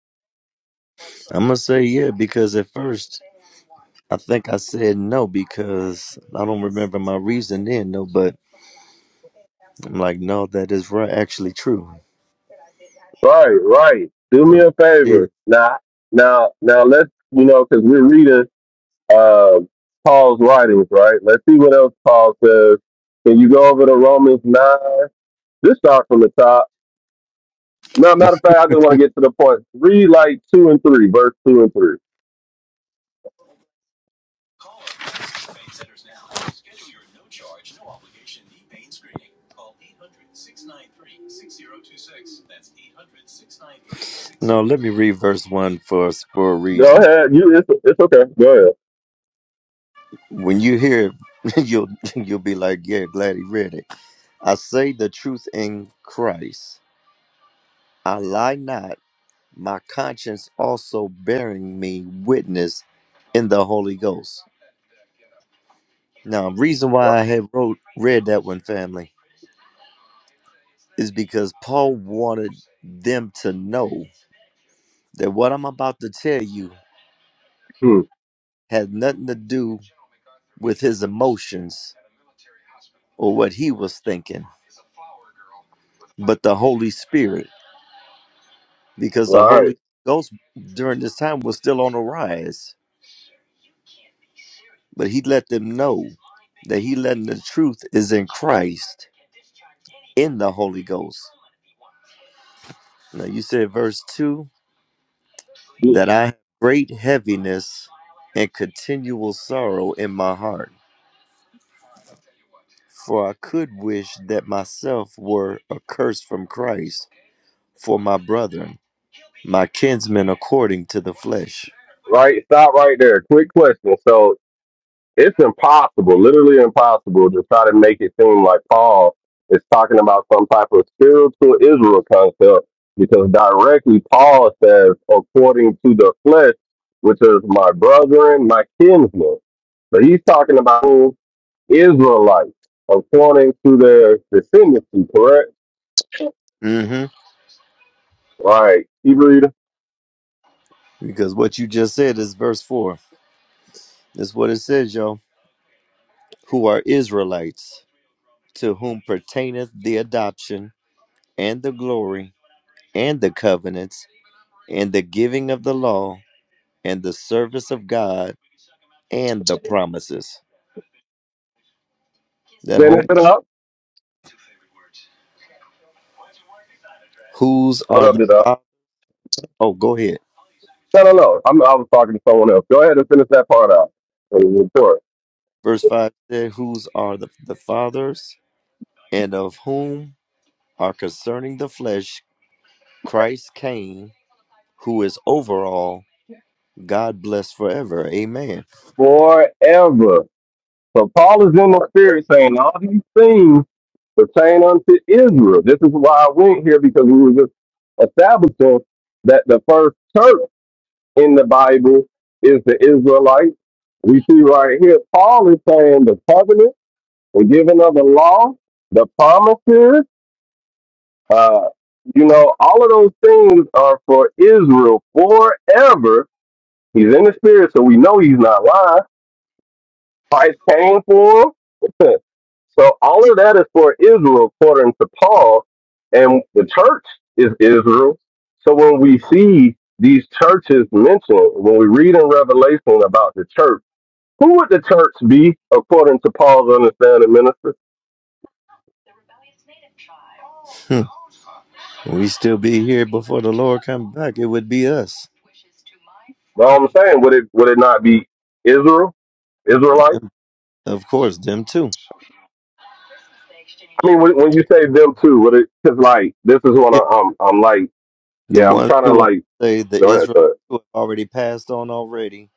J: I'm going to say, yeah, because at first I think I said no because I don't remember my reason then, no, but I'm like, no, that is right, actually true.
D: Right, right. Do me
J: So,
D: a
J: yeah.
D: favor. Now, now, now let's, you know, cause we're reading, uh, Paul's writings, right? Let's see what else Paul says. Can you go over to Romans 9? Just start from the top. No, matter of fact, I just want to get to the point. Read like 2 and 3, verse 2 and 3.
J: No, let me read verse one for for a
D: Go
J: reason.
D: ahead. You it's, it's okay. Go ahead.
J: When you hear it, you'll you'll be like, yeah, glad he read it. I say the truth in Christ. I lie not. My conscience also bearing me witness in the Holy Ghost. Now, reason
D: Right.
J: why I had wrote read that one, family. is because Paul wanted them to know that what I'm about to tell you
D: Hmm.
J: had nothing to do with his emotions or what he was thinking, but the Holy Spirit, because the
D: All
J: Holy
D: right.
J: Ghost during this time was still on the rise. But he let them know that he letting the truth is in Christ, in the Holy Ghost. Now you said verse two that I have great heaviness and continual sorrow in my heart. For I could wish that myself were accursed from Christ for my brethren, my kinsmen according to the flesh.
D: Right. Stop right there. Quick question. So it's impossible, literally impossible, to try to make it seem like Paul is talking about some type of spiritual Israel concept because directly Paul says, according to the flesh, which is my brethren, my kinsmen. but he's talking about Israelites according to their descendancy, correct?
J: hmm
D: Right. Keep reading.
J: Because what you just said is verse 4. That's what it says, y'all. Who are Israelites, to whom pertaineth the adoption, and the glory, and the covenants, and the giving of the law, and the service of God, and the promises. That
D: Finish
J: whole
D: it up.
J: whose
D: What
J: are
D: up,
J: the.
D: did I?
J: Oh, go ahead.
D: No, no, no. I'm, I was talking to someone else. Go ahead and finish that part out. of the Report.
J: Verse 5 said, Whose are the, the fathers, and of whom are concerning the flesh Christ came, who is over all, God bless forever. Amen.
D: Forever. So Paul is in the spirit saying all these things pertain unto Israel. This is why I went here because we were just establishing that the first church in the Bible is the Israelites. We see right here, Paul is saying the covenant, the giving of the law, the promises, Uh, you know, all of those things are for Israel forever. He's in the spirit, so we know he's not lying. Christ came for him. so all of that is for Israel, according to Paul, and the church is Israel. So when we see these churches mentioned, when we read in Revelation about the church, who would the church be according to Paul's understanding, minister?
J: Hmm. we still be here before the Lord come back. It would be us.
D: Well, I'm saying, would it would it not be Israel, Israelites?
J: And of course, them too.
D: I mean, when, when you say them too, what it because like this is what
J: Yeah.
D: I, I'm I'm like,
J: The
D: yeah, I'm
J: ones
D: trying to
J: who I would
D: like
J: say the
D: go ahead,
J: Israelites
D: but
J: who have already passed on already,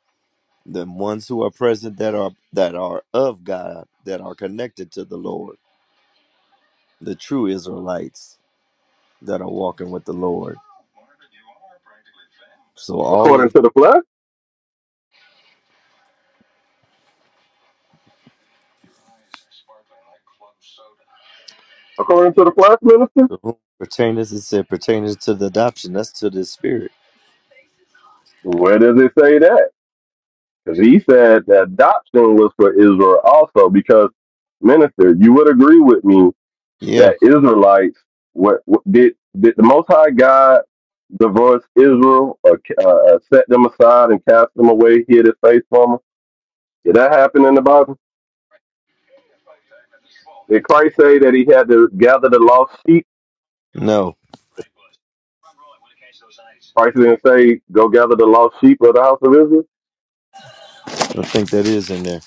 J: the ones who are present that are that are of God, that are connected to the Lord. the true Israelites that are walking with the Lord. So all
D: according
J: of
D: to the flesh, according to the flesh minister,
J: the whom pertaineth, it said pertaineth to the adoption. That's to the spirit.
D: where does it say that? Because he said that adoption was for Israel also. Because minister, you would agree with me
J: Yeah.
D: that Israelites what, what did did the Most High God divorce Israel or uh, set them aside and cast them away, hid his face from them? Did that happen in the Bible? Did Christ say that he had to gather the lost sheep?
J: No.
D: Christ didn't say, "Go gather the lost sheep of the house of Israel."
J: I don't think that is in there.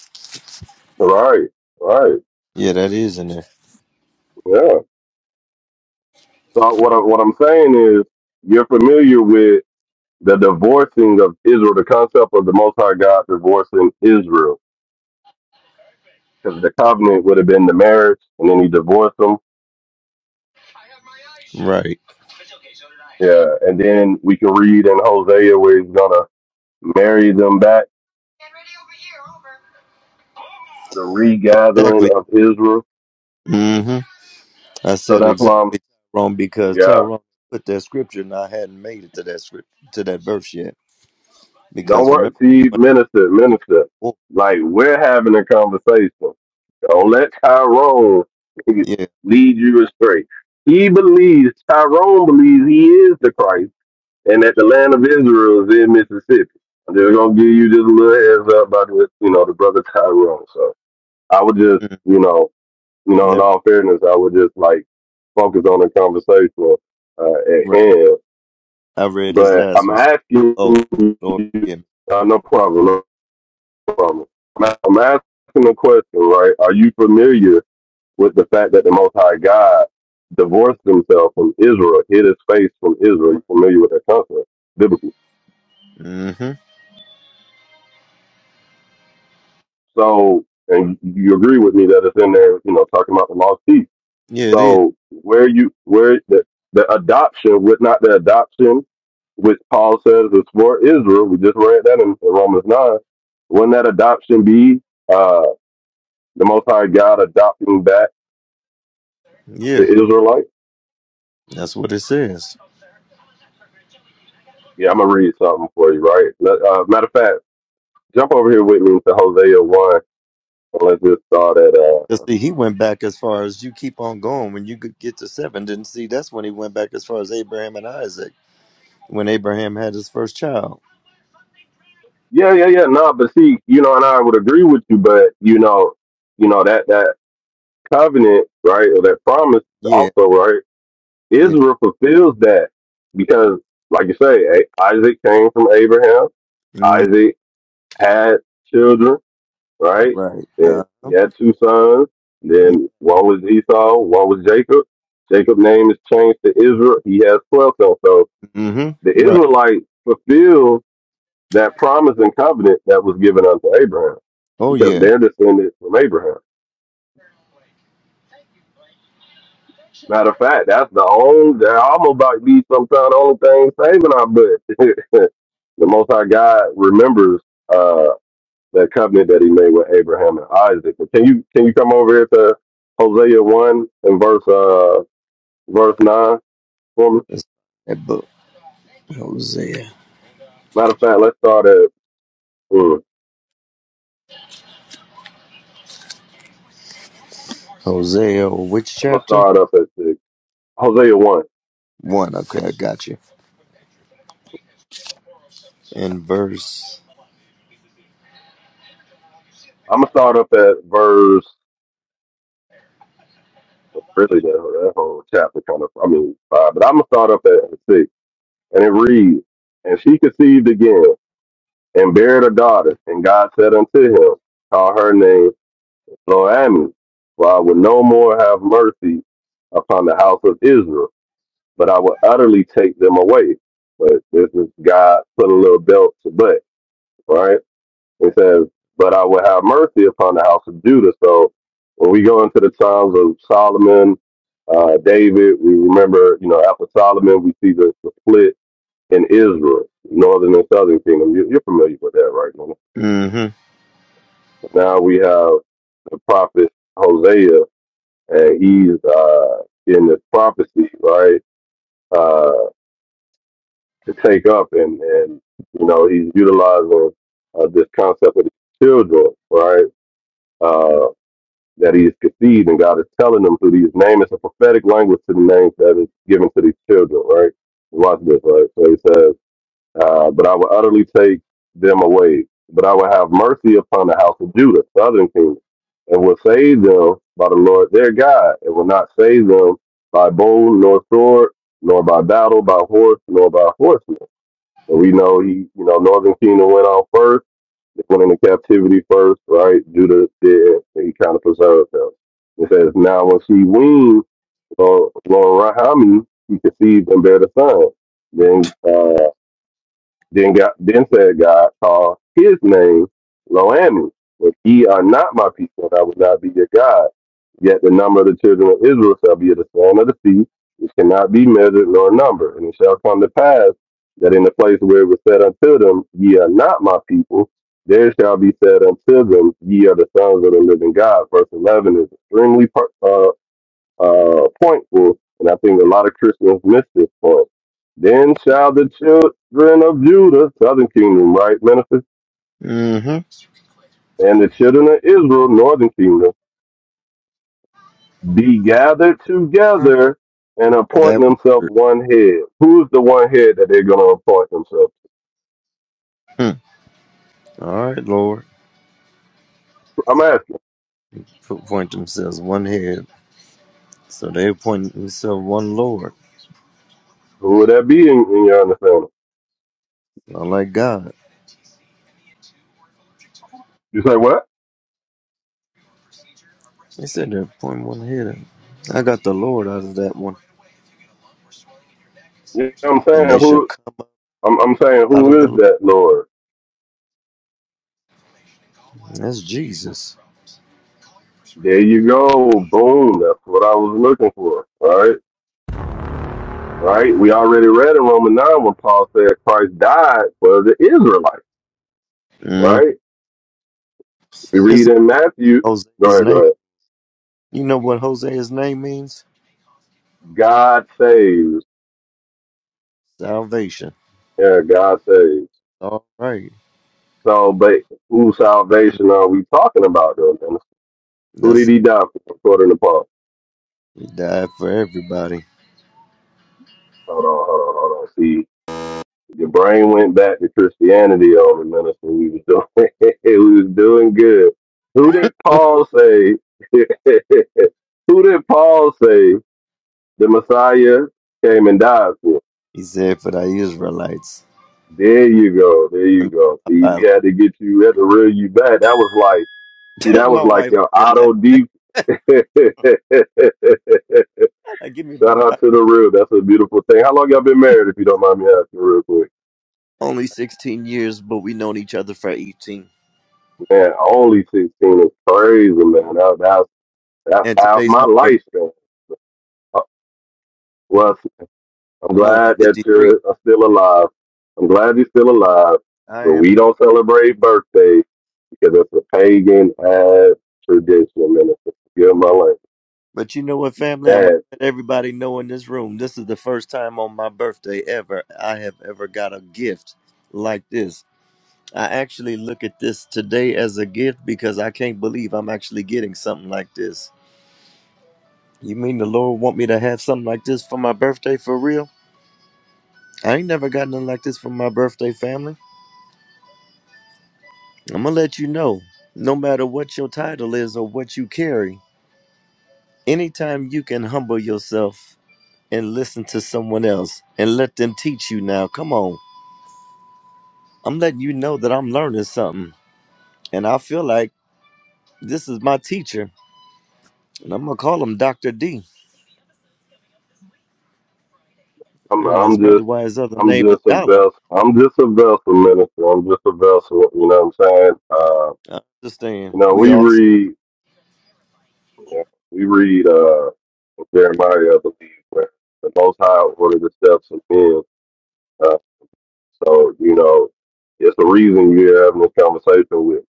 D: Right, right,
J: Yeah, that is in there.
D: yeah. So what I'm what I'm saying is, you're familiar with the divorcing of Israel, the concept of the Most High God divorcing Israel, because the covenant would have been the marriage, and then He divorced them.
J: Right.
D: Yeah, and then we can read in Hosea where He's gonna marry them back, the regathering
J: Exactly.
D: of Israel.
J: hmm I
D: So
J: said
D: that's why I'm
J: exactly wrong because
D: yeah.
J: Tyrone put that scripture and I hadn't made it to that script to that verse yet.
D: Don't
J: Because
D: worry.
J: remember
D: See,
J: when
D: minister,
J: I'm talking
D: minister.
J: about
D: Like we're having a conversation. Don't let Tyrone
J: the wolf,
D: lead you astray. He believes Tyrone believes he is the Christ, and that the land of Israel is in Mississippi. I'm just gonna give you just a little heads up about this, you know, the brother Tyrone. So I would just,
J: yeah. mm,
D: you know, you know, in
J: Never
D: all fairness, I would just like focus on the conversation uh, at
J: right.
D: hand.
J: I read this
D: But
J: last
D: I'm
J: one. So,
D: asking
J: oh Lord
D: you,
J: forgive
D: uh, no problem. no from it. I'm a- I'm asking the question, right? Are you familiar with the fact that the Most High God divorced himself from Israel, hid his face from
J: me.
D: Israel? You
J: Right.
D: familiar with that concept biblically?
J: mm-hmm.
D: So, and you agree with me that it's in there, you know, talking about the lost sheep.
J: Yeah, it is.
D: So, where you where the, the adoption with not the adoption which Paul says is for Israel. We just read that in Romans 9. Wouldn't that adoption be uh, the Most High God adopting back the
J: Yeah,
D: Israelites?
J: that's what it says.
D: Yeah, I'm gonna read something for you, right? Let- Uh, matter of fact, jump over here with me to Hosea one, and let's just start at.
J: 'Cause
D: Uh,
J: see, he went back as far as you keep on going when you could get to seven. Didn't see that's when he went back as far as Abraham and Isaac when Abraham had his first child.
D: yeah, yeah, yeah. No, but see, you know, and I would agree with you, but you know, you know that that covenant, right, or that promise,
J: Yeah,
D: also, right?
J: yeah,
D: Israel fulfills that because, like you say, A- Isaac came from Abraham.
J: mm,
D: Isaac had children right?
J: right.
D: And
J: Uh,
D: he had two sons. Then one was Esau, one was Jacob. Jacob's name is changed to Israel. He has 12 sons. So
J: mm-hmm,
D: the
J: right.
D: Israelites fulfilled that promise and covenant that was given unto Abraham
J: Oh
D: because
J: yeah,
D: they're descended from Abraham. Matter of fact, that's the only, that almost about be some kind only thing saving our butt. the Most High God remembers uh, that covenant that he made with Abraham and Isaac. But can you can you come over here to Hosea one and verse uh verse nine for me?
J: that's that book, Hosea.
D: Matter of fact, let's start at mm,
J: Hosea, which
D: I'm gonna
J: chapter?
D: start up at six. Hosea one.
J: One. Okay, I got you. And verse.
D: I'm gonna start up at verse really that, that whole chapter kind of I mean five, but I'm gonna start up at six and it reads, and she conceived again and bare a daughter, and God said unto him, call her name Lord Ammon, for I will no more have mercy upon the house of Israel, but I will utterly take them away. But this is God put a little belt to butt, right? It says, But I will have mercy upon the house of Judah. So when we go into the times of Solomon, uh, David, we remember, you know, after Solomon, we see the, the split in Israel, northern and southern kingdom. You, you're familiar with that, right? Nona?
J: Mm-hmm.
D: Now we have the prophet Hosea and he's uh, in this prophecy, right, uh, to take up, and and you know he's utilizing uh, this concept of the children, right, uh, that he's conceived, and God is telling them through these names. It's a prophetic language to the names that is given to these children, right. Watch this, right. So he says. uh, but I will utterly take them away. But I will have mercy upon the house of Judah, southern kingdom, and will save them by the Lord their God, and will not save them by bow nor sword, nor by battle, by horse, nor by horsemen. And we know he, you know, northern kingdom went on first, they went into captivity first, right? Judah did, and he kind of preserved them. It says, now when she weaned, Lord Rahami, he conceived and bare the son. Then uh, then God, then said God, call his name Loami. If ye are not my people, I will not be your God. Yet the number of the children of Israel shall be as the sand of the sea, which cannot be measured nor numbered. And it shall come to pass that in the place where it was said unto them, Ye are not my people, there shall be said unto them, Ye are the sons of the living God. Verse 11 is extremely powerful uh, point was, and I think a lot of Christians miss this point. Then shall the children of Judah, southern kingdom, right, Memphis,
J: Mm-hmm.
D: and the children of Israel, northern kingdom, be gathered together and appoint
J: That.
D: themselves one head. Who's the one head that they're going to appoint themselves?
J: hmm. All right, Lord.
D: to? I'm asking.
J: Foot point themselves one head. So they appoint himself one Lord,
D: Who would that be in, in your understanding?
J: not like God.
D: You say what?
J: They said they appoint one head. I got the Lord out of that one,
D: You know what I'm
J: and
D: saying?
J: they shall
D: Who?
J: come up
D: I'm, I'm saying
J: out of
D: who
J: the
D: is
J: land.
D: that Lord?
J: That's Jesus.
D: There you go. Boom. That's what I was looking for. Right. right? We already read in Romans 9 when Paul said Christ died for the Israelites,
J: Mm.
D: right? We read
J: It's
D: in Matthew, go
J: Hosea's
D: ahead, go
J: name.
D: ahead.
J: You know what Hosea's name means?
D: God saves.
J: Salvation.
D: Yeah, God saves.
J: All right.
D: So, but whose
J: Mm.
D: salvation are we talking about, though? man? Who did
J: That's it.
D: he die for, according to Paul?
J: He died for everybody.
D: Hold on, hold on, hold on. See, your brain went back to Christianity on the minister. We was doing, we was doing good. Who did Paul say? Who did Paul say? the Messiah came and died for.
J: He said for the Israelites.
D: There you go. There
J: Let
D: you
J: me
D: go.
J: get
D: See,
J: my
D: we had to get you, we had to reel you back. That was like, see,
J: five.
D: that
J: my
D: was like
J: wife over
D: your
J: here laughing.
D: auto deep.
J: I'm like, give me my
D: Shout out
J: five.
D: to the real. That's a beautiful thing. How long y'all been married, if you don't mind me asking real quick?
J: Only 16 years, but we known each other for 18.
D: Man, only 16 is crazy, man. That, that's, that's
J: And
D: half
J: today's
D: my
J: my birthday.
D: life, man. Uh, Well, I'm
J: I'm only
D: glad that
J: 53.
D: you're uh, still alive. I'm glad you're still alive,
J: I
D: but
J: am.
D: we don't celebrate birthdays. because it's a pagan ass traditional minister. Forgive my life.
J: But you know what, family? I'm going
D: That
J: to let everybody know in this room. This is the first time on my birthday ever I have ever got a gift like this. I actually look at this today as a gift because I can't believe I'm actually getting something like this. You mean the Lord want me to have something like this for my birthday for real? I ain't never got nothing like this for my birthday, family. I'm going to let you know no matter what your title is or what you carry, anytime you can humble yourself and listen to someone else and let them teach you now. Come on. I'm letting you know that I'm learning something. And I feel like this is my teacher. And I'm going to call him Dr. D.
D: I'm,
J: Mm,
D: I'm
J: that's probably
D: just,
J: why his other
D: I'm
J: name is
D: just a
J: Dollar.
D: vessel. I'm just a vessel minister. I'm just a vessel. You know what I'm saying? Uh,
J: I understand.
D: you know,
J: We
D: we
J: all,
D: read, yeah, we read uh, Jeremiah, I believe, where the Most High ordered the steps of men. Uh, so you know, it's the reason you're having this conversation with. me.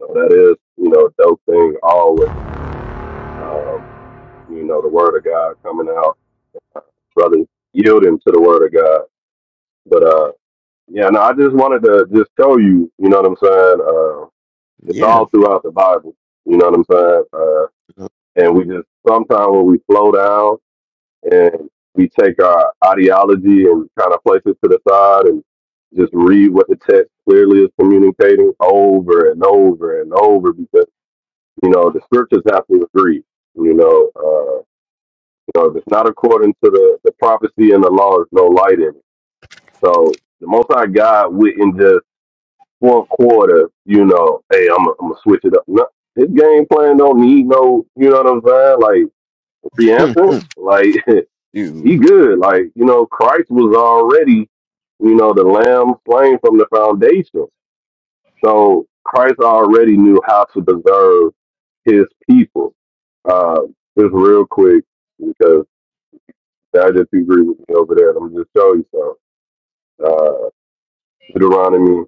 D: So that is, you know, a dope thing always. Um, you know, the Word of God coming out brothers, yielding to the word of God. But uh, yeah, no, I just wanted to just show you, you know what I'm saying? Uh, it's
J: yeah.
D: all throughout the Bible, you know what I'm saying? Uh, and we just sometimes when we slow down and we take our ideology and kind of place it to the side and just read what the text clearly is communicating over and over and over because you know the scriptures have to agree. You know, uh, you know, if it's not according to the, the prophecy and the law, there's no light in it. So the Most High God wouldn't just one quarter, you know, hey, I'm gonna I'm gonna switch it up. No, his game plan don't need no, you know what I'm saying? Like a preemption, like
J: You,
D: he good. Like you know, Christ was already, you know, the Lamb slain from the foundation. So Christ already knew how to preserve his people. Uh, just real quick, because I just agree with me over there. I'm gonna just show you something. Uh, Deuteronomy.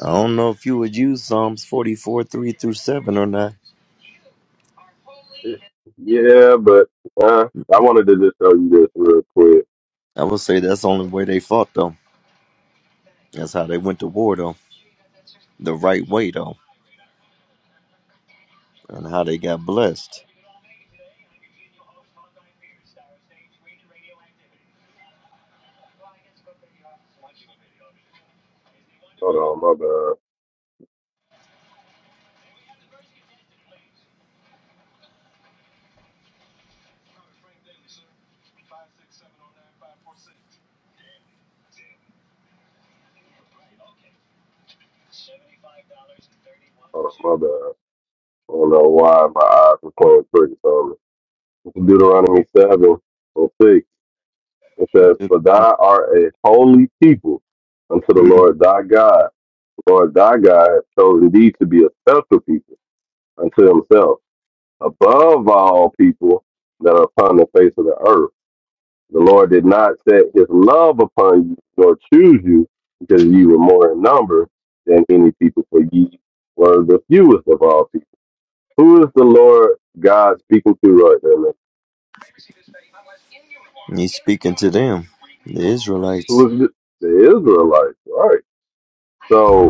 J: I don't know if you would use Psalms 44, 3 through 7 or not.
D: Yeah, but uh, I wanted to just show you this real quick.
J: I would say that's the only way they fought, though. That's how they went to war, though. The right way, though. And how they got blessed.
D: Hold on, my bad. Hold on, my bad. I don't know why my eyes were playing tricks on me. Deuteronomy 7 and 6. It says,
J: Mhm.
D: For thou art a holy people unto the Lord thy God. The Lord thy God has chosen thee to be a special people unto himself, above all people that are upon the face of the earth. The Lord did not set his love upon you, nor choose you, because you were more in number than any people, for ye were the fewest of all people. Who is the Lord God speaking to right there, man?
J: He's speaking to them, the
D: Who
J: Israelites.
D: is the, the Israelites? Right. So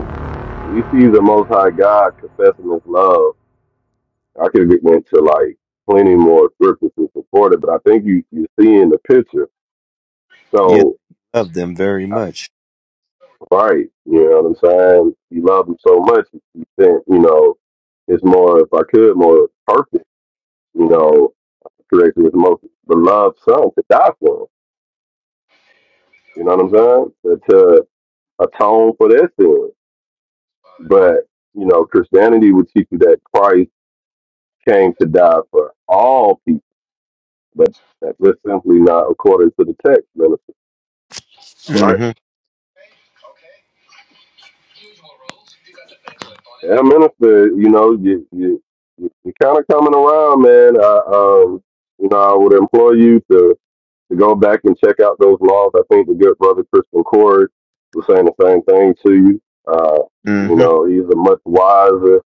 D: we see the Most High God confessing his love. I could get into like plenty more scriptures to support it, but I think you, you're seeing the picture.
J: Yeah,
D: So
J: love them very much.
D: Right. You know what I'm saying? You love him so much, you think, you know, it's more, if I could, more perfect, you know, correctly, his most beloved son to die for him. You know what I'm saying? To, to atone for their sin. But, you know, Christianity would teach you that Christ came to die for all people, but that's just simply not according to the text, minister. Right?
J: Mm-hmm.
D: Yeah, minister, you know, you, you, you- you're kind of coming around, man. I, um, you know, I would implore you to to go back and check out those laws. I think the good brother Christian Cord was saying the same thing to you. Uh, you
J: Mm-hmm.
D: know, he's a much wiser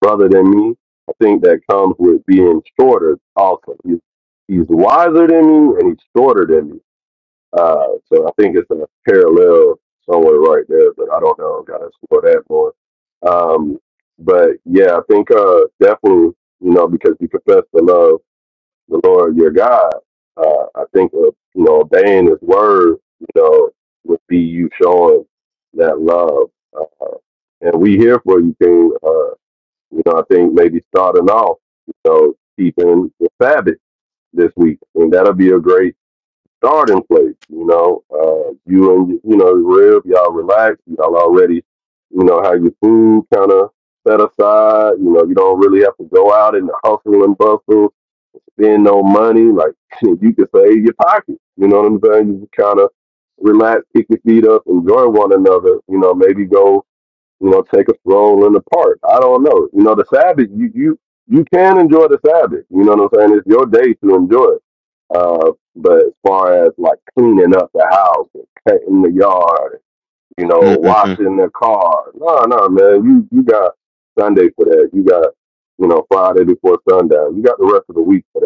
D: brother than me. I think that comes with being shorter also. He's, he's wiser than me and he's shorter than me. Uh, so I think it's a parallel somewhere right there, but I don't know. Gotta explore that more. Um, but yeah, I think uh, definitely, you know, because you profess the love the Lord your God. Uh, I think of, you know, obeying his word, you know, would be you showing that love. Uh, and we here for you, King. Uh, you know, I think maybe starting off, you know, keeping the Sabbath this week. And that'll be a great starting place, you know. Uh, you and, you know, Rib, y'all relax. Y'all already, you know, have your food kind of set aside. You know, you don't really have to go out in the hustle and bustle spend no money. Like you can save your pocket. You know what I'm saying? You just kind of relax, kick your feet up, enjoy one another. You know, maybe go, you know, take a stroll in the park. I don't know. You know, the Sabbath, you you you can enjoy the Sabbath. You know what I'm saying? It's your day to enjoy it. Uh, but as far as like cleaning up the house, and cutting the yard, you know,
J: mm-hmm.
D: washing the car, no, no, man, you you got Sunday for that. You got you know Friday before sundown. You got the rest of the week for that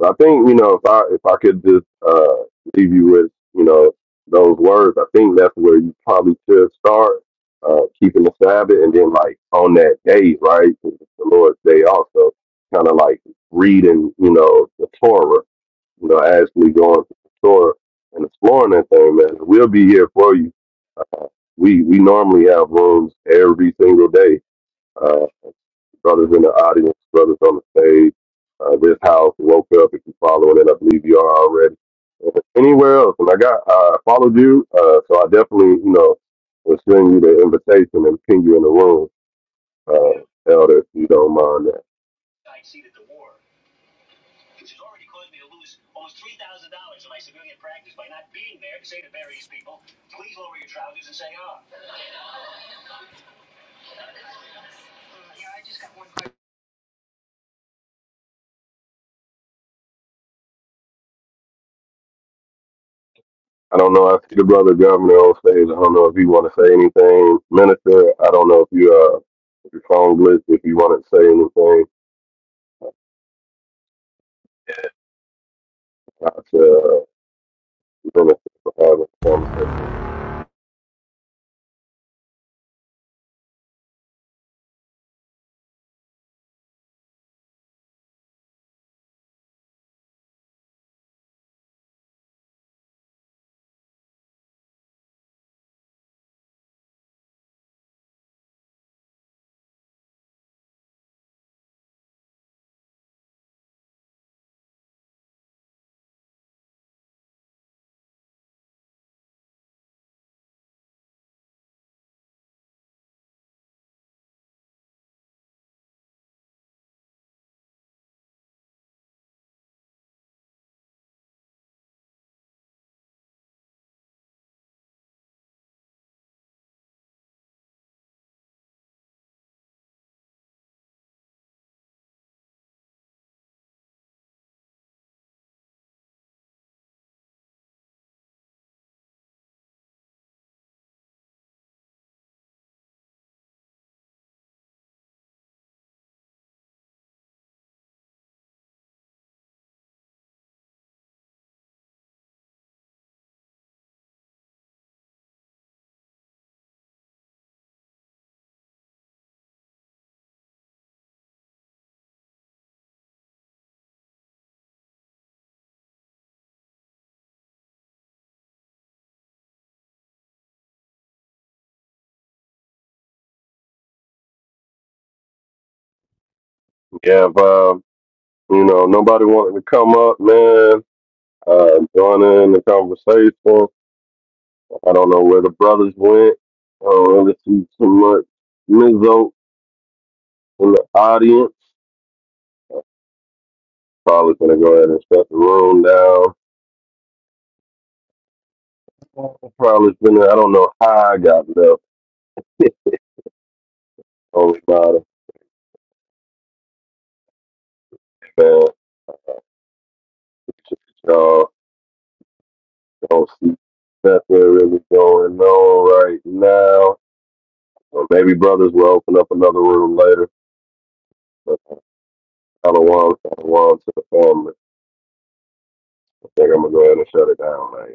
D: so I think you know if I if I could just uh, leave you with you know those words, I think that's where you probably should start uh, keeping the Sabbath, and then like on that day, right, 'cause it's the Lord's day, also kind of like reading you know the Torah, you know, actually going to the Torah and exploring that thing, man. We'll be here for you. We we normally have rooms every single day. uh, brothers in the audience, brothers on the stage. Uh, this house woke up. If you following it, I believe you are already. If it's anywhere else, and I got I followed you, uh, so I definitely you know will send you the invitation and ping you in the room, uh, Elder, if you don't mind that. I don't know. I see the brother governor on stage. I don't know if you want to say anything, minister. I don't know if you uh if your phone glitched. If you want to say anything, uh, minister for having a conversation. Yeah, if, um, you know nobody wanted to come up, man. uh, joining in the conversation. I don't know where the brothers went. I don't really see too much Mizzo in the audience. Probably gonna go ahead and shut the room down. Probably been. I don't know how I got left on the bottom, man. Y'all don't see nothing really going on right now. So maybe brothers will open up another room later. But I don't want, I don't want to the family. I think I'm gonna go ahead and shut it down, man.